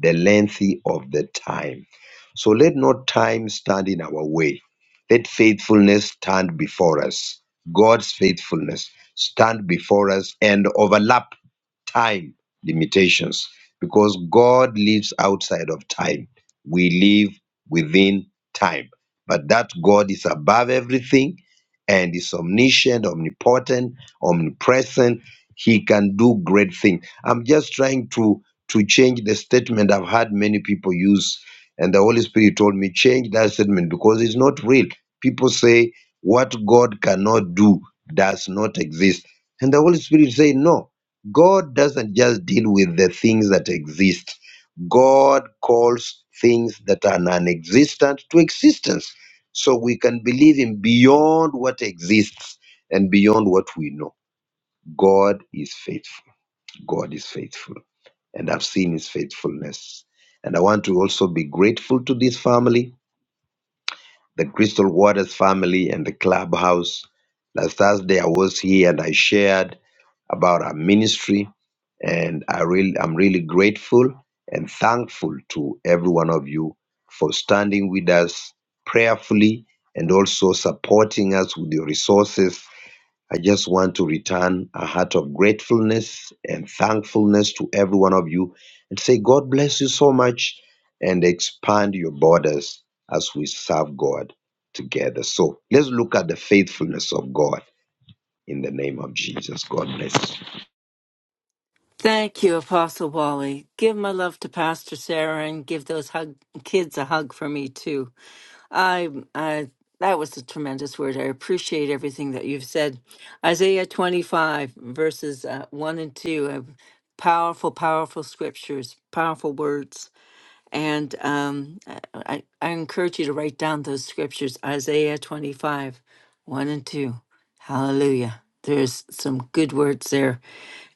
[SPEAKER 7] the length of the time. So let not time stand in our way. Let faithfulness stand before us. God's faithfulness stand before us and overlap time limitations because God lives outside of time. We live within time. But that God is above everything and is omniscient, omnipotent, omnipresent. He can do great things. I'm just trying to to change the statement I've had many people use. And the Holy Spirit told me, change that statement because it's not real. People say, what God cannot do does not exist. And the Holy Spirit say, no, God doesn't just deal with the things that exist. God calls things that are non existent to existence. So we can believe Him beyond what exists and beyond what we know. God is faithful. God is faithful and I've seen his faithfulness. And I want to also be grateful to this family, the Crystal Waters family and the clubhouse. Last Thursday I was here and I shared about our ministry and I really I'm really grateful and thankful to every one of you for standing with us prayerfully and also supporting us with your resources I just want to return a heart of gratefulness and thankfulness to every one of you and say, God bless you so much and expand your borders as we serve God together. So let's look at the faithfulness of God in the name of Jesus. God bless you.
[SPEAKER 1] Thank you, Apostle Wally. Give my love to Pastor Sarah and give those hug, kids a hug for me too. I, I, that was a tremendous word. I appreciate everything that you've said. Isaiah 25 verses uh, 1 and 2, uh, powerful, powerful scriptures, powerful words. And um, I, I I encourage you to write down those scriptures Isaiah 25, 1 and 2. Hallelujah. There's some good words there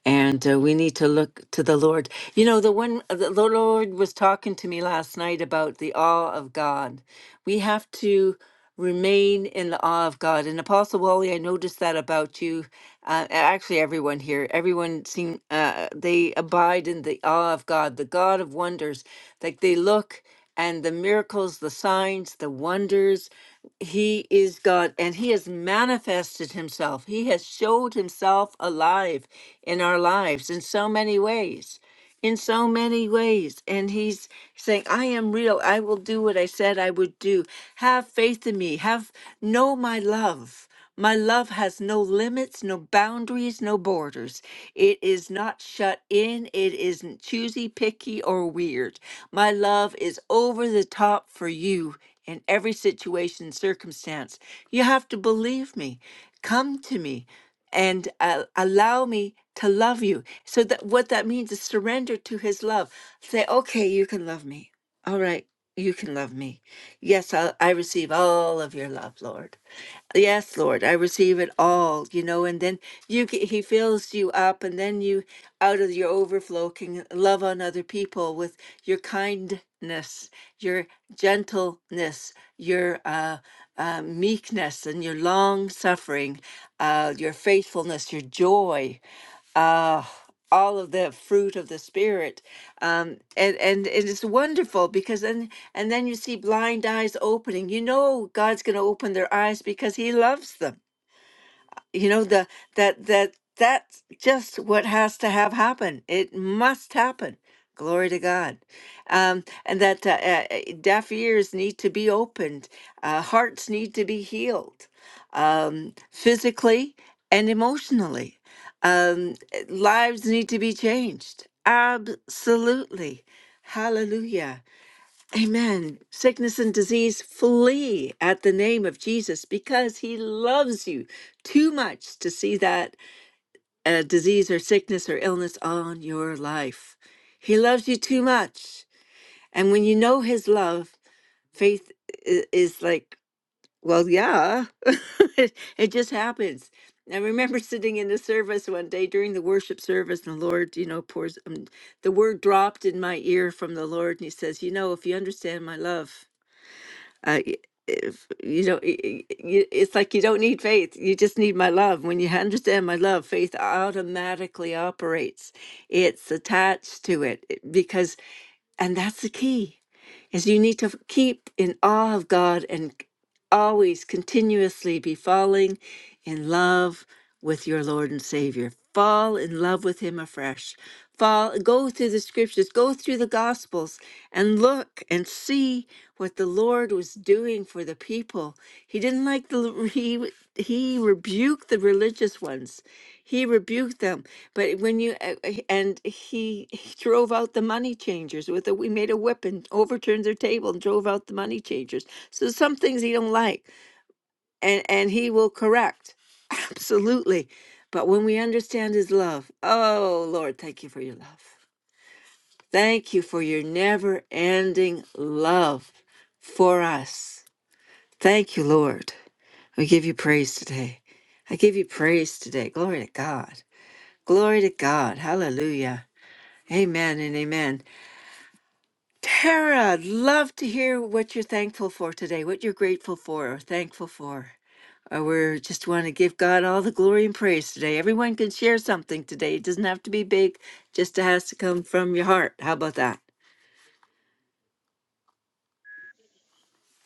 [SPEAKER 1] and uh, we need to look to the Lord. You know, the one uh, the Lord was talking to me last night about the awe of God. We have to remain in the awe of God. And Apostle Wally, I noticed that about you. Uh, a- actually, everyone here, everyone seem uh, they abide in the awe of God, the God of wonders. Like they look and the miracles, the signs, the wonders. He is God and He has manifested Himself. He has showed Himself alive in our lives in so many ways, in so many ways. And He's saying, I am real. I will do what I said I would do. Have faith in me. Have, know my love. My love has no limits, no boundaries, no borders. It is not shut in. It isn't choosy, picky, or weird. My love is over the top for you in every situation, circumstance. You have to believe me. Come to me and uh, allow me to love you. So that what that means is surrender to his love. Say, okay, you can love me. All right, you can love me. Yes, i I receive all of your love, Lord. Yes, Lord, I receive it all, you know, and then you g- he fills you up and then you out of your overflow can love on other people with your kindness, your gentleness, your uh, uh, meekness and your long suffering, uh, your faithfulness, your joy uh, all of the fruit of the spirit um, and and it is wonderful because then and then you see blind eyes opening you know god's going to open their eyes because he loves them you know the that that that's just what has to have happen it must happen glory to god um, and that uh, uh, uh, deaf ears need to be opened uh, hearts need to be healed um, physically and emotionally um, eh, lives need to be changed absolutely hallelujah Amen. Sickness and disease flee at the name of Jesus because he loves you too much to see that uh, disease or sickness or illness on your life. He loves you too much. And when you know his love, faith i- is like, well, yeah, it, it just happens. I remember sitting in the service one day during the worship service, and the Lord, you know, pours um, the word dropped in my ear from the Lord, and He says, You know, if you understand my love, uh, if you don't y- y- y- it's like you don't need faith you just need my love when you understand my love faith automatically operates it's attached to it it- because and that's the key is you need to f- keep in awe of god and c- always continuously be falling in love with your lord and savior fall in love with him afresh fall go through the scriptures go through the gospels and look and see what the Lord was doing for the people. He didn't like the he he rebuked the religious ones. He rebuked them. But when you uh, uh, and he, he drove out the money changers with a we made a whip and overturned their table and drove out the money changers. So some things he don't like and and he will correct. Absolutely. But when we understand his love, oh Lord, thank you for your love. Thank you for your never ending love for us. Thank you, Lord. We give you praise today. I give you praise today. Glory to God. Glory to God. Hallelujah. Amen and amen. Tara, I'd love to hear what you're thankful for today, what you're grateful for or thankful for. Or we just want to give God all the glory and praise today. Everyone can share something today. It doesn't have to be big, just it has to come from your heart. How about that?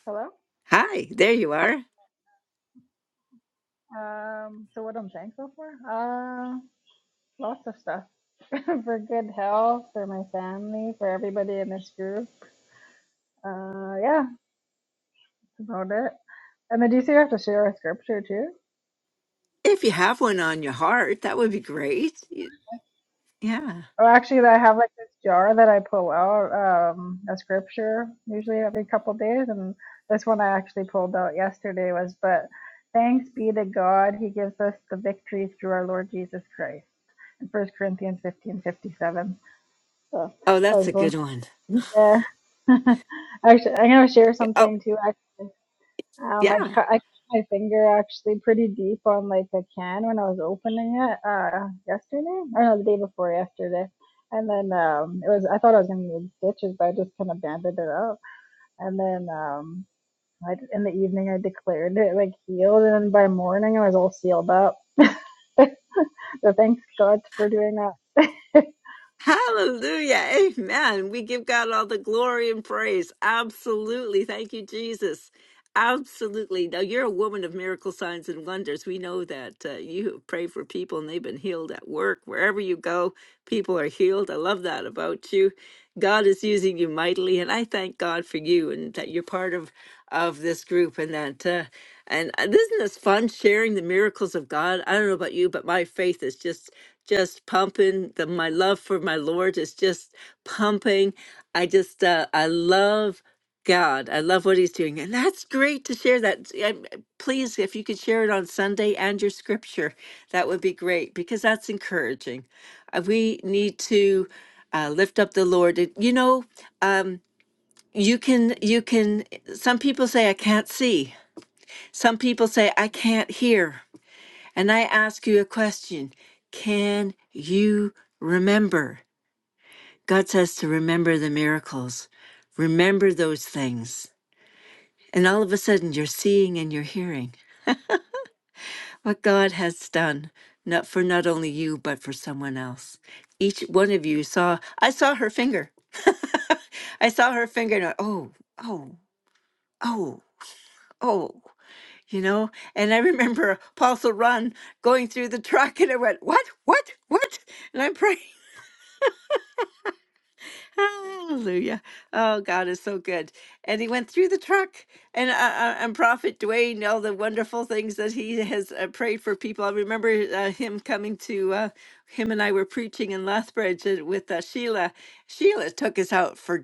[SPEAKER 8] Hello.
[SPEAKER 1] Hi, there you are.
[SPEAKER 8] Um, so what I'm thankful for? Uh, lots of stuff. for good health, for my family, for everybody in this group. Uh, yeah, that's about it. And then do you see you have to share a scripture too?
[SPEAKER 1] If you have one on your heart, that would be great. Y- Yeah.
[SPEAKER 8] Oh, actually, I have like this jar that I pull out um, a scripture usually every couple days, and this one I actually pulled out yesterday was, "But thanks be to God, He gives us the victory through our Lord Jesus Christ." In First Corinthians fifteen fifty seven. So
[SPEAKER 1] Oh,
[SPEAKER 8] I
[SPEAKER 1] that's
[SPEAKER 8] was
[SPEAKER 1] a
[SPEAKER 8] going
[SPEAKER 1] good one.
[SPEAKER 8] Yeah. Actually, I'm gonna share something too. Actually, um, I
[SPEAKER 1] Yeah.
[SPEAKER 8] cut I cut my finger actually pretty deep on like a can when I was opening it uh yesterday or no, the day before yesterday, and then um it was I thought I was gonna need stitches, but I just kind of banded it up, and then um I, in the evening I declared it like healed, and then by morning I was all sealed up. so thanks God for doing that.
[SPEAKER 1] Hallelujah. Amen. We give God all the glory and praise. Absolutely. Thank you, Jesus. Absolutely. Now, you're a woman of miracle signs and wonders. We know that uh, you pray for people and they've been healed at work. Wherever you go, people are healed. I love that about you. God is using you mightily, and I thank God for you and that you're part of of this group and that uh, and uh, isn't this fun sharing the miracles of God? I don't know about you, but my faith is just just pumping the my love for my lord is just pumping i just uh, i love god i love what he's doing and that's great to share that Um, please if you could share it on sunday and your scripture that would be great because that's encouraging Uh, we need to uh, lift up the lord It- you know um, you can you can some people say i can't see some people say i can't hear and I ask you a question Can you remember? God says to remember the miracles, remember those things. And all of a sudden, you're seeing and you're hearing what God has done, not for not only you, but for someone else. Each one of you saw, I saw her finger. I saw her finger, and I, oh, oh, oh, oh, you know? And I remember Apostle Ron going through the truck, and I went, what, what, what? And I'm praying. Hallelujah. Oh, God is so good. And he went through the truck. And, uh, uh, and Prophet Dwayne, all the wonderful things that he has uh, prayed for people. I remember uh, him coming to, uh, him and I were preaching in Lethbridge uh, with uh, Sheila. Sheila took us out for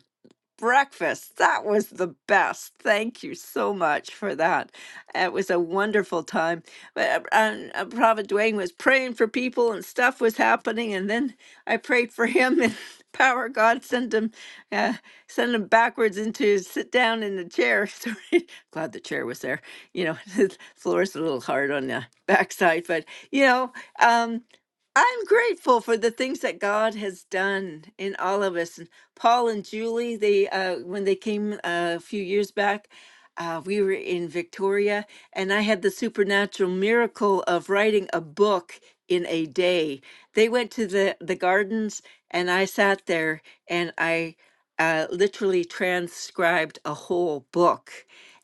[SPEAKER 1] breakfast. That was the best. Thank you so much for that. It was a wonderful time. But uh, and, uh, Prophet Dwayne was praying for people and stuff was happening, and then I prayed for him and. Power of God sent him, uh, sent him backwards into sit down in the chair. Sorry, glad the chair was there. You know, the floor's a little hard on the backside, but you know, um, I'm grateful for the things that God has done in all of us Paul and Julie, they uh, when they came uh, a few years back, uh, we were in Victoria, and I had the supernatural miracle of writing a book in a day. They went to the the gardens, and I sat there, and I uh, literally transcribed a whole book,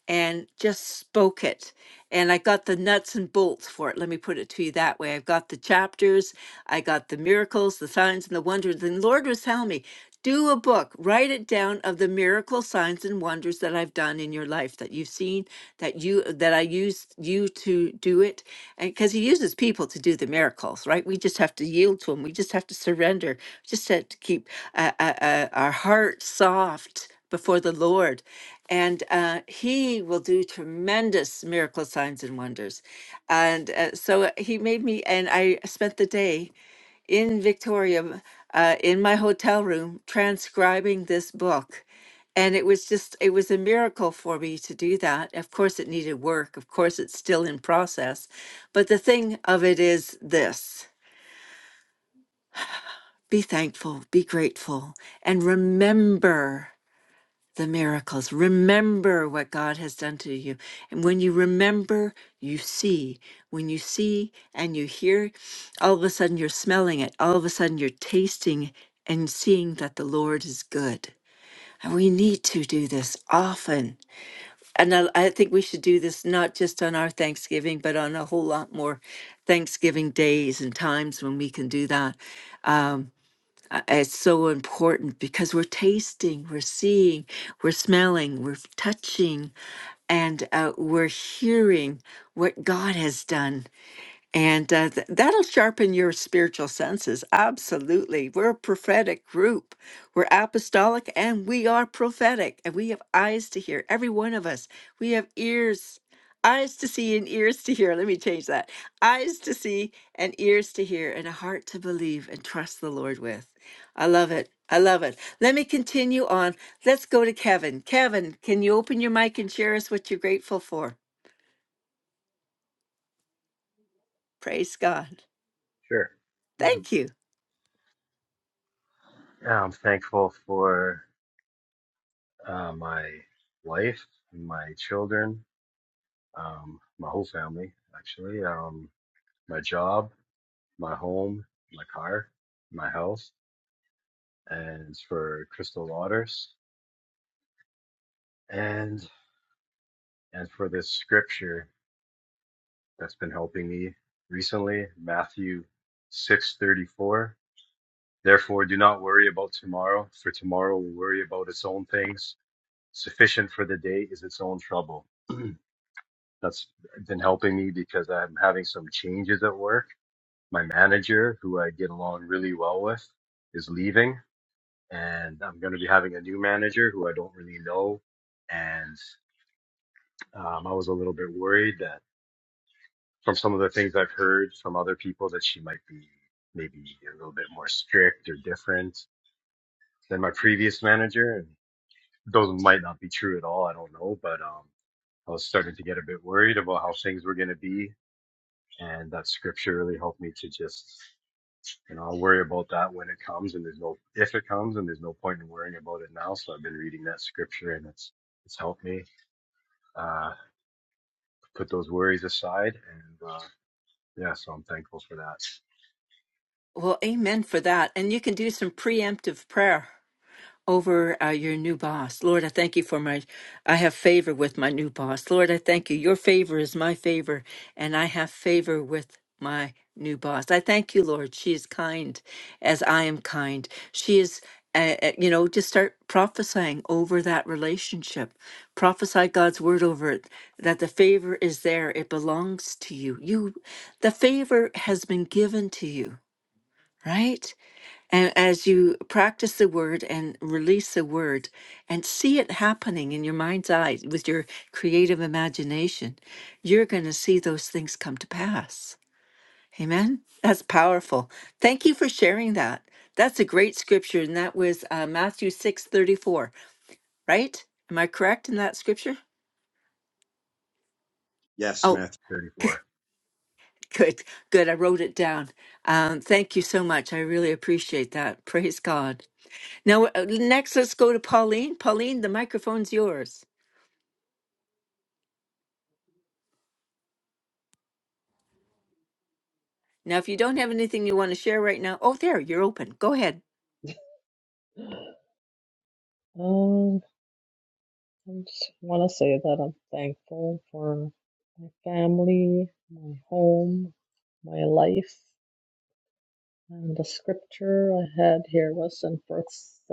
[SPEAKER 1] and just spoke it. And I got the nuts and bolts for it. Let me put it to you that way. I've got the chapters, I got the miracles, the signs, and the wonders. And the Lord was telling me do a book, write it down of the miracle signs and wonders that I've done in your life that you've seen, that you that I used you to do it. And because he uses people to do the miracles, right? We just have to yield to him. We just have to surrender. We just have to keep uh, uh, uh, our heart soft before the Lord. And uh, he will do tremendous miracle signs and wonders. And uh, so he made me, and I spent the day in Victoria uh, in my hotel room transcribing this book. And it was just, it was a miracle for me to do that. Of course, it needed work. Of course, it's still in process. But the thing of it is this be thankful, be grateful, and remember the miracles. Remember what God has done to you. And when you remember, you see. When you see and you hear, all of a sudden you're smelling it. All of a sudden you're tasting and seeing that the Lord is good. And we need to do this often. And I, I think we should do this not just on our Thanksgiving, but on a whole lot more Thanksgiving days and times when we can do that. Um, uh, it's so important because we're tasting, we're seeing, we're smelling, we're touching, and uh, we're hearing what God has done and uh, th- that'll sharpen your spiritual senses. Absolutely. We're a prophetic group. We're apostolic and we are prophetic. And we have eyes to hear, every one of us. We have ears, eyes to see and ears to hear. Let me change that. Eyes to see and ears to hear and a heart to believe and trust the Lord with. I love it. I love it. Let me continue on. Let's go to Kevin. Kevin, can you open your mic and share us what you're grateful for? Praise God.
[SPEAKER 9] Sure. Mhm.
[SPEAKER 1] Thank you.
[SPEAKER 9] Yeah, I'm thankful for uh, my wife, my children, um, my whole family, actually, um, my job, my home, my car, my health, and for crystal waters, and and for this scripture that's been helping me recently, Matthew six thirty four. Therefore, do not worry about tomorrow, for tomorrow will worry about its own things. Sufficient for the day is its own trouble. That's been helping me because I'm having some changes at work. My manager, who I get along really well with, is leaving, and I'm going to be having a new manager who I don't really know. And um, I was a little bit worried that from some of the things I've heard from other people that she might be maybe a little bit more strict or different than my previous manager. And those might not be true at all. I don't know, but um, I was starting to get a bit worried about how things were going to be and that scripture really helped me to just you know I'll worry about that when it comes and there's no if it comes and there's no point in worrying about it now so I've been reading that scripture and it's it's helped me uh put those worries aside and uh yeah so I'm thankful for that
[SPEAKER 1] Well, amen for that. And you can do some preemptive prayer over uh, your new boss. Lord, I thank you for my, I have favor with my new boss. Lord, I thank you. Your favor is my favor, and I have favor with my new boss. I thank you, Lord. She is kind as I am kind. She is. Uh, uh, you know, just start prophesying over that relationship. Prophesy God's word over it that the favor is there. It belongs to you. You, the favor has been given to you right? And as you practice the word and release the word and see it happening in your mind's eye with your creative imagination, you're going to see those things come to pass. Amen. That's powerful. Thank you for sharing that. That's a great scripture, and that was uh, Matthew six thirty four. Right? Am I correct in that scripture?
[SPEAKER 9] Yes,
[SPEAKER 1] Oh,
[SPEAKER 9] Matthew. 34
[SPEAKER 1] good, good. I wrote it down. Um, thank you so much. I really appreciate that. Praise God. Now, uh, next, let's go to Pauline. Pauline, the microphone's yours. Now, if you don't have anything you want to share right now, oh, there, you're open. Go ahead.
[SPEAKER 10] Um, I just want to say that I'm thankful for my family, my home, my life, and the scripture I had here was in First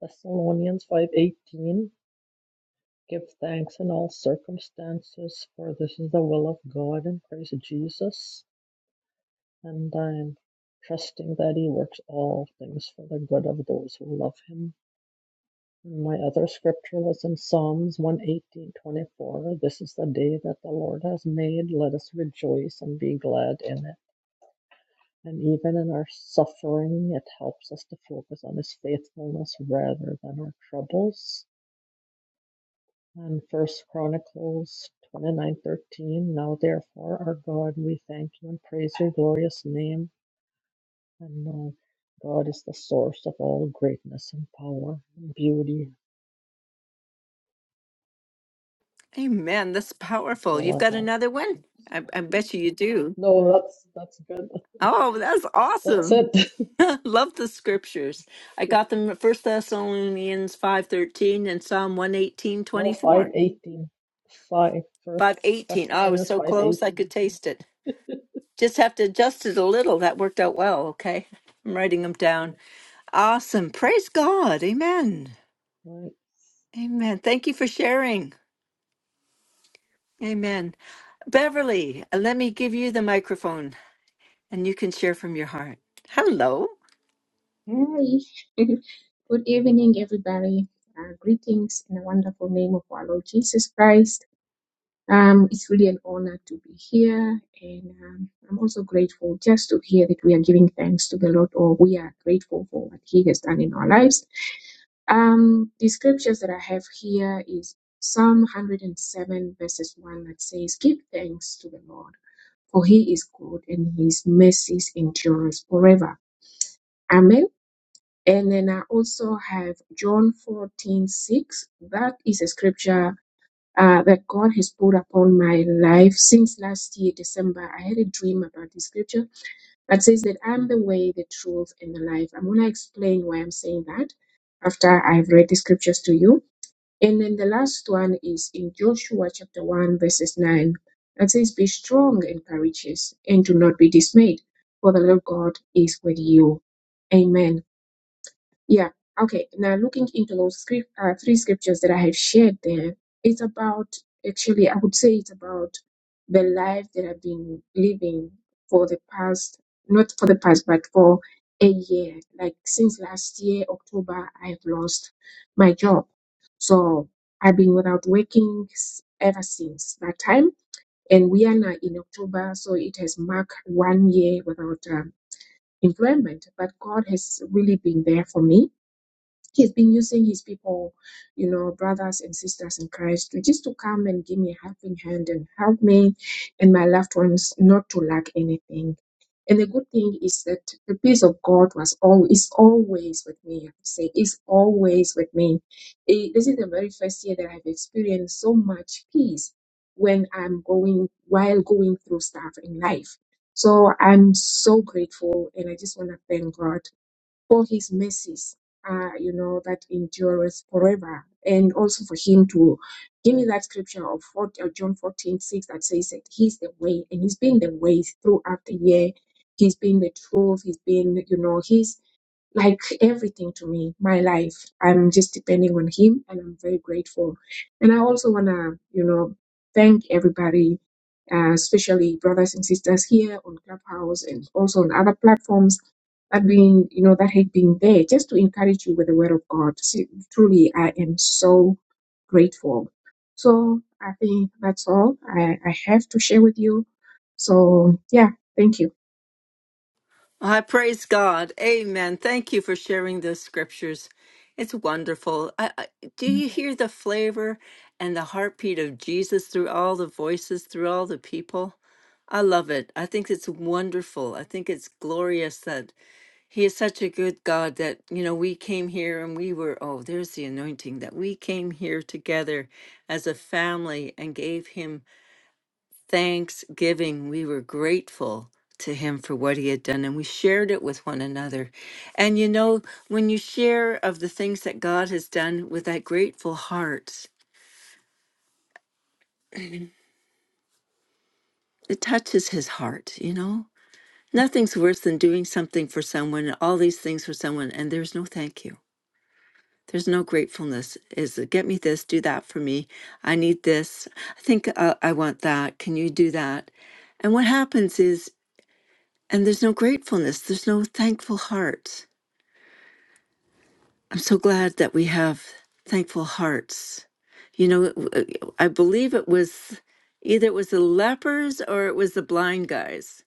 [SPEAKER 10] Thessalonians five eighteen. Give thanks in all circumstances, for this is the will of God in Christ Jesus. And I'm trusting that He works all things for the good of those who love Him. My other scripture was in Psalms one eighteen twenty four. This is the day that the Lord has made. Let us rejoice and be glad in it. And even in our suffering, it helps us to focus on His faithfulness rather than our troubles. And First Chronicles 29 13. Now, therefore, our God, we thank you and praise your glorious name. And know God is the source of all greatness and power and beauty.
[SPEAKER 1] Amen. That's
[SPEAKER 10] That's
[SPEAKER 1] powerful.
[SPEAKER 10] all
[SPEAKER 1] You've got
[SPEAKER 10] I have.
[SPEAKER 1] another one? I, I bet you you do.
[SPEAKER 10] No, that's that's good.
[SPEAKER 1] Oh, that's
[SPEAKER 10] That's
[SPEAKER 1] awesome.
[SPEAKER 10] it.
[SPEAKER 1] Love the scriptures. I got them at First Thessalonians 5.13 and Psalm
[SPEAKER 10] No,
[SPEAKER 1] 118.24.
[SPEAKER 10] 518. 5, First
[SPEAKER 1] 5.18. Oh, I was
[SPEAKER 10] Thessalonians
[SPEAKER 1] so close I could
[SPEAKER 10] 518.
[SPEAKER 1] taste it. Just have to adjust it a little. That worked out well, okay? I'm writing them down.
[SPEAKER 10] Right.
[SPEAKER 1] Awesome. Praise God. Amen.
[SPEAKER 10] right.
[SPEAKER 1] Amen. Thank you for sharing. Amen. Beverly, let me give you the microphone and you can share from your heart. Hello.
[SPEAKER 11] Hey, good evening, everybody. Uh, greetings in the wonderful name of our Lord Jesus Christ. Um, it's really an honor to be here, and um, I'm also grateful just to hear that we are giving thanks to the Lord, or we are grateful for what He has done in our lives. Um, the scriptures that I have here is Psalm 107, verses 1, that says, Give thanks to the Lord, for He is good, and His mercies endures forever. Amen. And then I also have John fourteen six. That is a scripture uh, that God has put upon my life since last year, December. I had a dream about this scripture that says that I'm the way, the truth, and the life. I'm going to explain why I'm saying that after I've read the scriptures to you. And then the last one is in Joshua chapter 1, verses 9. That says, Be strong and courageous, and do not be dismayed, for the Lord God is with you. Amen. Yeah. Okay. Now, looking into those script, uh, three scriptures that I have shared there, it's about, actually, I would say it's about the life that I've been living for the past, not for the past, but for a year. Like since last year, October, I've lost my job. So I've been without working s- ever since that time. And we are now in October, so it has marked one year without um, employment. But God has really been there for me He's been using his people, you know, brothers and sisters in Christ, to just to come and give me a helping hand and help me and my loved ones not to lack anything. And the good thing is that the peace of God was all is always with me. I have to say, is always with me. Eh, this is the very first year that I've experienced so much peace when I'm going while going through stuff in life. So I'm so grateful, and I just want to thank God for his mercies, uh, you know, that endures forever. And also for him to give me that scripture of 40, uh, John 14 6 that says that he's the way and he's been the way throughout the year. He's been the truth. He's been, you know, he's like everything to me, my life. I'm just depending on him and I'm very grateful. And I also want to, you know, thank everybody, uh, especially brothers and sisters here on Clubhouse and also on other platforms that being, you know, that have been there just to encourage you with the word of God. See, truly, I am so grateful. So I think that's all I, I have to share with you. So yeah, thank you.
[SPEAKER 1] I praise God. Amen. Thank you for sharing those scriptures. It's wonderful. I, I, do you hear the flavor and the heartbeat of Jesus through all the voices, through all the people? I love it. I think it's wonderful. I think it's glorious that He is such a good God that, you know, we came here and we were, oh, there's the anointing that we came here together as a family and gave Him thanksgiving. We were grateful to him for what he had done and we shared it with one another. And you know, when you share of the things that God has done with that grateful heart, it touches his heart, you know? Nothing's worse than doing something for someone, all these things for someone, and there's no thank you. There's no gratefulness. Is get me this, do that for me. I need this. I think uh, I want that. Can you do that? And what happens is, and there's no gratefulness, there's no thankful heart. I'm so glad that we have thankful hearts. You know, I believe it was either it was the lepers or it was the blind guys.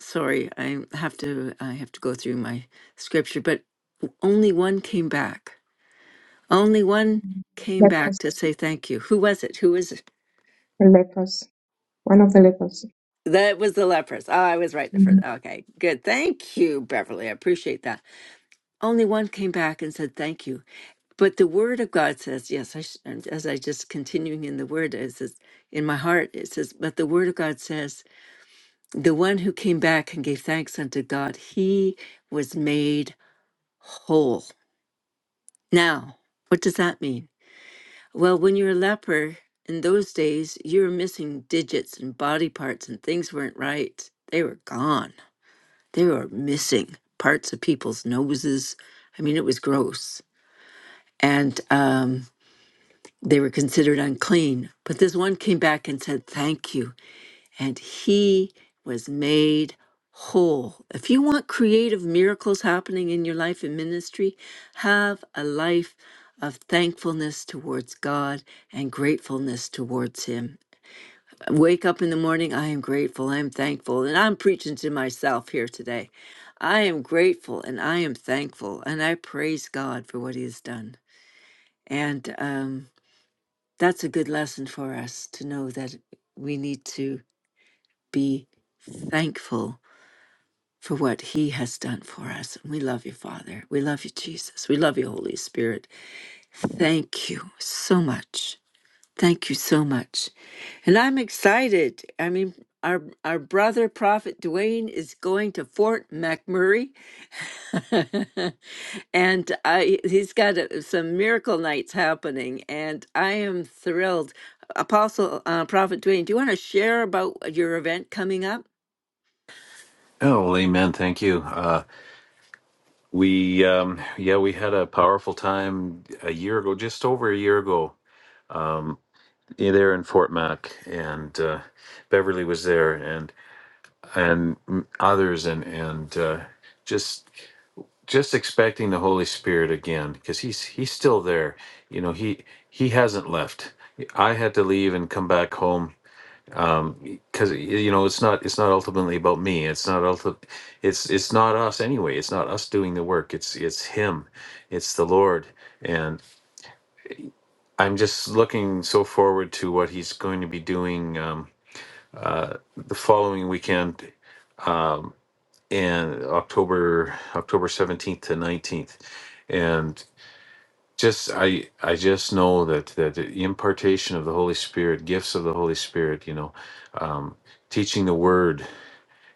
[SPEAKER 1] Sorry, I have to I have to go through my scripture, but only one came back. Only one came
[SPEAKER 11] Let us,
[SPEAKER 1] back to say thank you. Who was it? Who was it?
[SPEAKER 11] let us. One of the locals.
[SPEAKER 1] That was the lepers. Oh, I was right the first. Okay, good. Thank you, Beverly. I appreciate that. Only one came back and said thank you But the word of God says, yes, I, sh- and as I just continuing in the word, it says, in my heart, it says, but the word of God says, the one who came back and gave thanks unto God, he was made whole. Now, what does that mean? Well, when you're a leper in those days, you were missing digits and body parts, and things weren't right. They were gone. They were missing parts of people's noses. I mean, it was gross. And, um, They were considered unclean. But this one came back and said, Thank you. And he was made whole. If you want creative miracles happening in your life and ministry, have a life of thankfulness towards God and gratefulness towards Him. Wake up in the morning, I am grateful, I am thankful, and I'm preaching to myself here today. I am grateful and I am thankful, and I praise God for what He has done. And um, that's a good lesson for us to know that we need to be thankful for what he has done for us. we love you, Father. We love you, Jesus. We love you, Holy Spirit. Thank you so much. Thank you so much. And I'm excited. I mean, our our brother prophet Dwayne is going to Fort McMurray. and I he's got a, some miracle nights happening, and I am thrilled. Apostle uh, Prophet Dwayne, do you want to share about your event coming up?
[SPEAKER 4] oh well amen thank you uh we um yeah we had a powerful time a year ago just over a year ago yeah, there in Fort Mac, and uh, Beverly was there, and and others, and and uh, just just expecting the Holy Spirit again, because he's he's still there. You know, he he hasn't left. I had to leave and come back home because you know it's not it's not ultimately about me. It's not ulti- It's it's not us anyway. It's not us doing the work. It's it's him. It's the Lord, and I'm just looking so forward to what he's going to be doing. Um, uh, the following weekend in October October 17th to 19th and just I I just know that that the impartation of the Holy Spirit gifts of the Holy Spirit you know um, teaching the word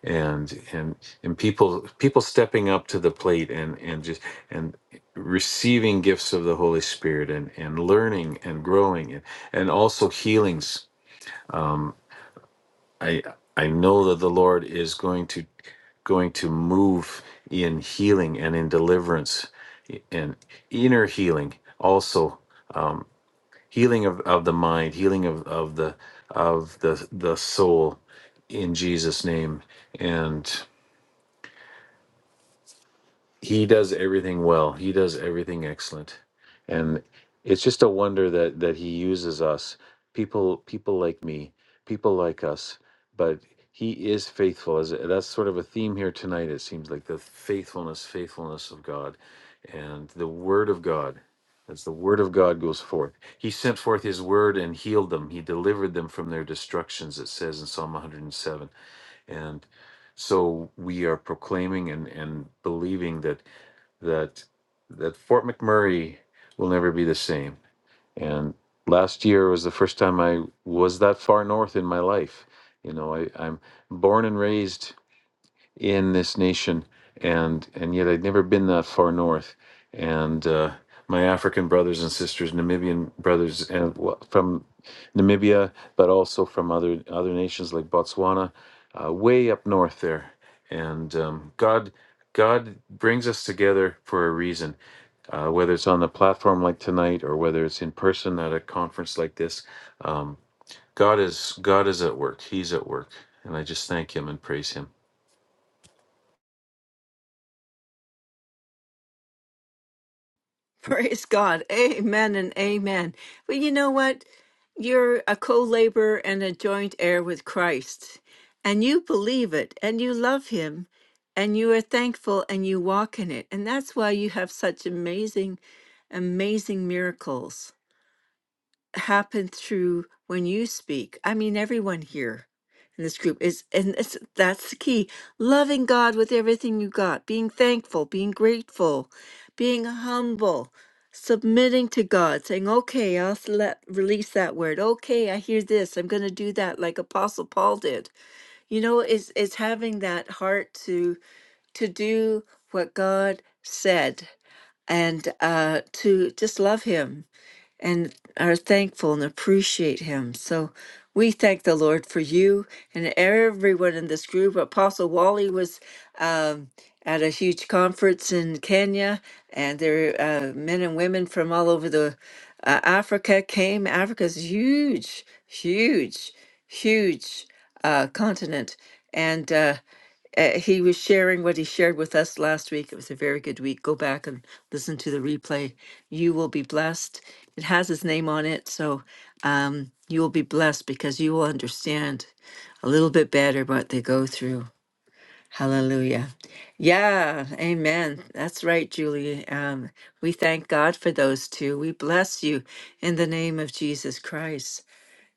[SPEAKER 4] and and and people people stepping up to the plate and and just and receiving gifts of the Holy Spirit and and learning and growing and and also healings I I know that the Lord is going to going to move in healing and in deliverance and inner healing also healing of, of the mind healing of, of the of the the soul in jesus name and. he does everything well. He does everything excellent, and it's just a wonder that that he uses us, people, people like me, people like us. But he is faithful. As that's sort of a theme here tonight. It seems like the faithfulness, faithfulness of God, and the Word of God. As the word of God goes forth, he sent forth his word and healed them. He delivered them from their destructions, it says in Psalm 107. And so we are proclaiming and, and believing that that that Fort McMurray will never be the same. And last year was the first time I was that far north in my life. You know, I, I'm born and raised in this nation, and and yet I'd never been that far north. And uh, my African brothers and sisters, Namibian brothers, and wa- from Namibia, but also from other other nations like Botswana, uh, way up north there. And um, God, God brings us together for a reason. Uh, whether it's on a platform like tonight or whether it's in person at a conference like this, um, God is God is at work. He's at work, and I just thank Him and praise Him.
[SPEAKER 1] Praise God, Amen and Amen. Well, you know what? You're a co-laborer and a joint heir with Christ, and you believe it, and you love Him, and you are thankful, and you walk in it, and that's why you have such amazing, amazing miracles. Happen through when you speak. I mean, everyone here in this group is, and it's, that's the key loving God with everything you got, being thankful, being grateful, being humble, submitting to God, saying, okay, I'll s- let, release that word. Okay, I hear this. I'm going to do that like Apostle Paul did. You know, it's, it's having that heart to, to do what God said and uh, to just love Him and are thankful and appreciate Him. So we thank the Lord for you and everyone in this group. Apostle Wally was um, at a huge conference in Kenya, and there were uh, men and women from all over the uh, Africa came. Africa's huge, huge, huge uh, continent, and. Uh, uh, he was sharing what he shared with us last week. It was a very good week. Go back and listen to the replay. You will be blessed. It has his name on it. So um, you will be blessed because you will understand a little bit better what they go through. Hallelujah. Yeah, amen. That's right, Julie. Um, we thank God for those two. We bless you in the name of Jesus Christ.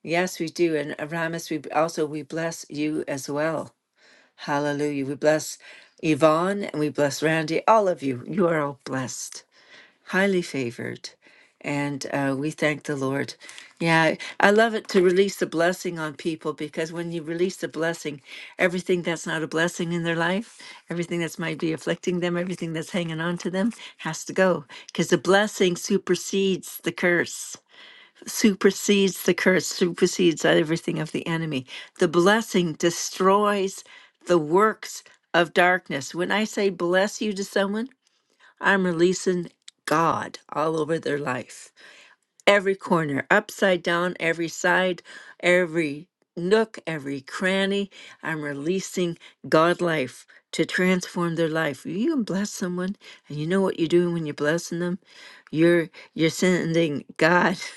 [SPEAKER 1] Yes, we do. And uh, Ramus, we b- also we bless you as well. Hallelujah. We bless Yvonne and we bless Randy, all of you. You are all blessed, highly favored. And uh, we thank the Lord. Yeah, I love it to release the blessing on people because when you release the blessing, everything that's not a blessing in their life, everything that's might be afflicting them, everything that's hanging on to them has to go because the blessing supersedes the curse supersedes the curse, supersedes everything of the enemy. The blessing destroys the works of darkness. When I say bless you to someone, I'm releasing God all over their life, every corner, upside down, every side, every nook, every cranny. I'm releasing God life to transform their life. You can bless someone, and you know what you're doing when you're blessing them? You're you're sending God.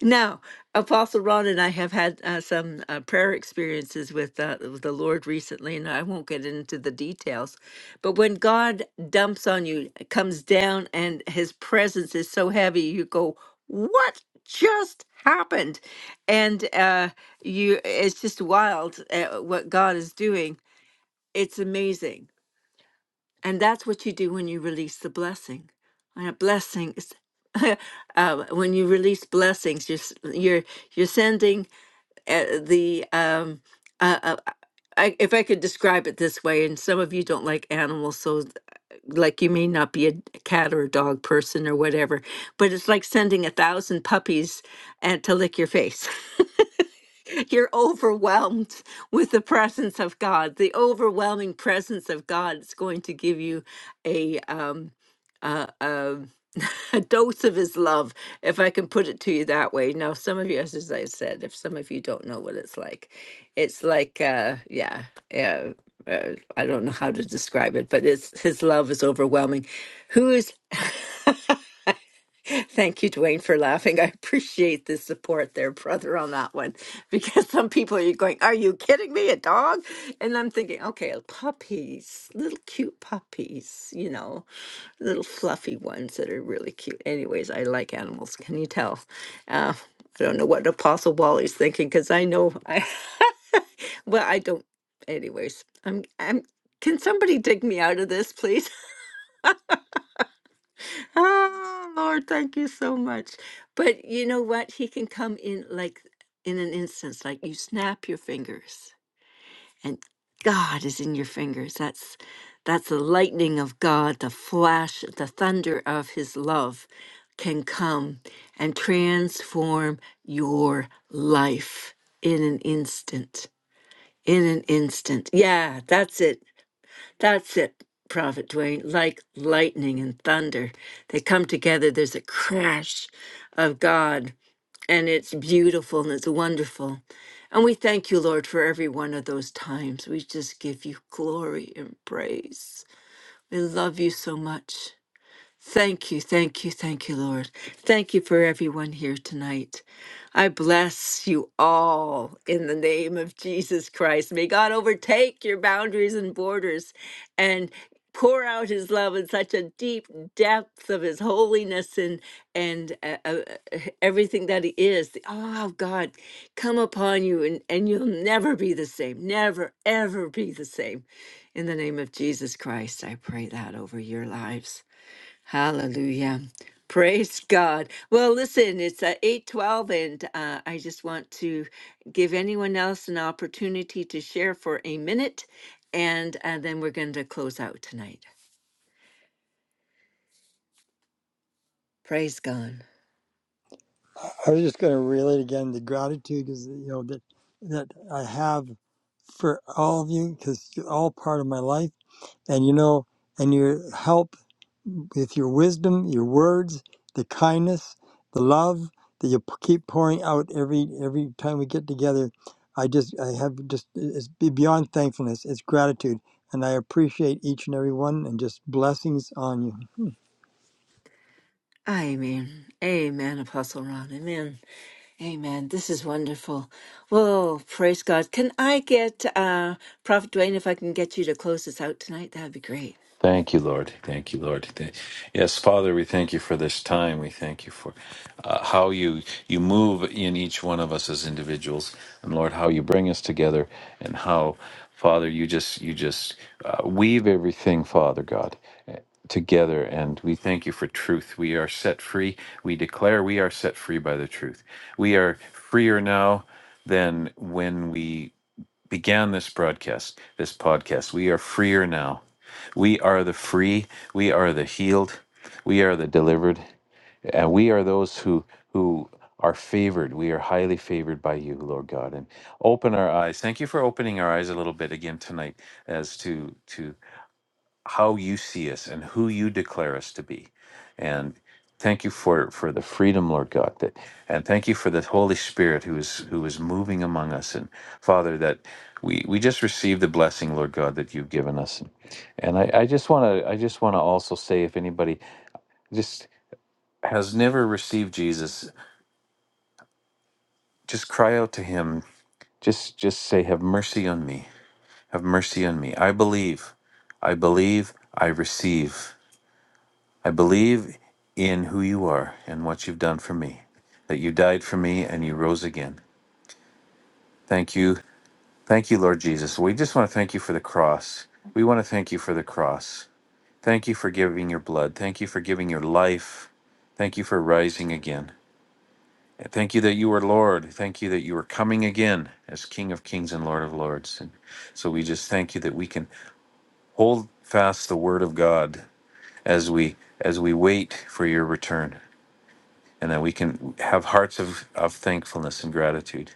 [SPEAKER 1] Now, Apostle Ron and I have had uh, some uh, prayer experiences with, uh, with the Lord recently, and I won't get into the details. But when God dumps on you, comes down, and his presence is so heavy, you go, What just happened? And uh, you, it's just wild uh, what God is doing. It's amazing and that's what you do when you release the blessing. And a blessing is uh, when you release blessings, you're s- you're you're sending uh, the um, uh, uh, uh, I, if I could describe it this way, and some of you don't like animals, so th- like you may not be a d- cat or a dog person or whatever, but it's like sending a thousand puppies and to lick your face. You're overwhelmed with the presence of God. The overwhelming presence of God is going to give you a um, a, a, a dose of His love, if I can put it to you that way. Now, some of you, as I said, if some of you don't know what it's like, it's like, uh, yeah, yeah. Uh, I don't know how to describe it, but it's his love is overwhelming. Who is Thank you, Dwayne, for laughing. I appreciate the support there, brother, on that one. Because some people are going, Are you kidding me? A dog? And I'm thinking, okay, puppies, little cute puppies, you know, little fluffy ones that are really cute. Anyways, I like animals. Can you tell? Uh, I don't know what Apostle Wally's thinking because I know I, well, I don't. Anyways, I'm, I'm, can somebody dig me out of this, please? Ah, Lord, thank you so much. But you know what? He can come in like in an instance, like you snap your fingers and God is in your fingers. That's that's the lightning of God, the flash, the thunder of his love can come and transform your life in an instant. In an instant. Yeah, that's it. That's it, Prophet Dwayne. Like lightning and thunder, they come together. There's a crash of God, and it's beautiful and it's wonderful. And we thank you, Lord, for every one of those times. We just give you glory and praise. We love you so much. Thank you, thank you, thank you, Lord. Thank you for everyone here tonight. I bless you all in the name of Jesus Christ. May God overtake your boundaries and borders and pour out his love in such a deep depth of his holiness and and uh, uh, uh, everything that he is the awe of god come upon you and, and you'll never be the same never ever be the same in the name of jesus christ i pray that over your lives Hallelujah. Praise God. Well, listen, it's uh, 812, and uh, I just want to give anyone else an opportunity to share for a minute, and uh, then we're going to close out tonight. Praise God.
[SPEAKER 6] I was just going to relate again the gratitude is you know that that I have for all of you because you're all part of my life, and you know, and your help. with your wisdom, your words, the kindness, the love that you p- keep pouring out every every time we get together. I just I have just it's be- beyond thankfulness. It's gratitude, and I appreciate each and every one, and just blessings on you.
[SPEAKER 1] Amen. Amen, Apostle Ron. Amen. Amen. This is wonderful. Well, praise God. Can I get uh, Prophet Dwayne, if I can get you to close this out tonight, that'd be great.
[SPEAKER 4] Thank you, Lord. Thank you, Lord. Th- Yes, Father, we thank you for this time. We thank you for uh, how you you move in each one of us as individuals, and Lord, how you bring us together, and how, Father, you just you just uh, weave everything, Father God, eh, together. And we thank you for truth. We are set free. We declare we are set free by the truth. We are freer now than when we began this broadcast, this podcast. We are freer now. We are the free. We are the healed. We are the delivered. And we are those who who are favored. We are highly favored by you, Lord God. And open our eyes. Thank you for opening our eyes a little bit again tonight as to to how you see us and who you declare us to be. And thank you for for the freedom, Lord God, that and thank you for the Holy Spirit who is who is moving among us. And Father, that we we just receive the blessing, Lord God, that you've given us. And I, I just wanna I just wanna also say if anybody just has never received Jesus, just cry out to him. Just just say, Have mercy on me. Have mercy on me. I believe. I believe. I receive. I believe in who you are and what you've done for me, that you died for me and you rose again. Thank you. Thank you, Lord Jesus. We just want to thank you for the cross. We want to thank you for the cross. Thank you for giving your blood. Thank you for giving your life. Thank you for rising again. And Thank you that you are Lord. Thank you that you are coming again as King of Kings and Lord of Lords. And so we just thank you that we can hold fast the word of God as we as we wait for your return. and that we can have hearts of, of thankfulness and gratitude.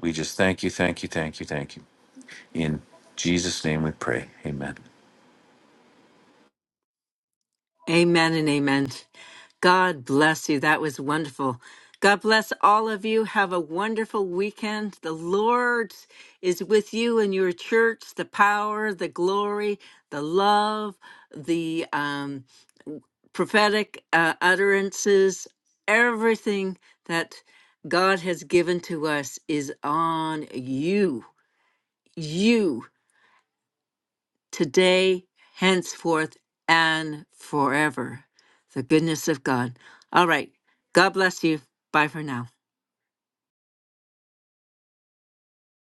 [SPEAKER 4] We just thank you, thank you, thank you, thank you. In Jesus' name we pray. Amen.
[SPEAKER 1] Amen and amen. God bless you. That was wonderful. God bless all of you. Have a wonderful weekend. The Lord is with you and your church. The power, the glory, the love, the um, prophetic uh, utterances, everything that God has given to us is on you. You today, henceforth, and forever. The goodness of God. All right. God bless you. Bye for now.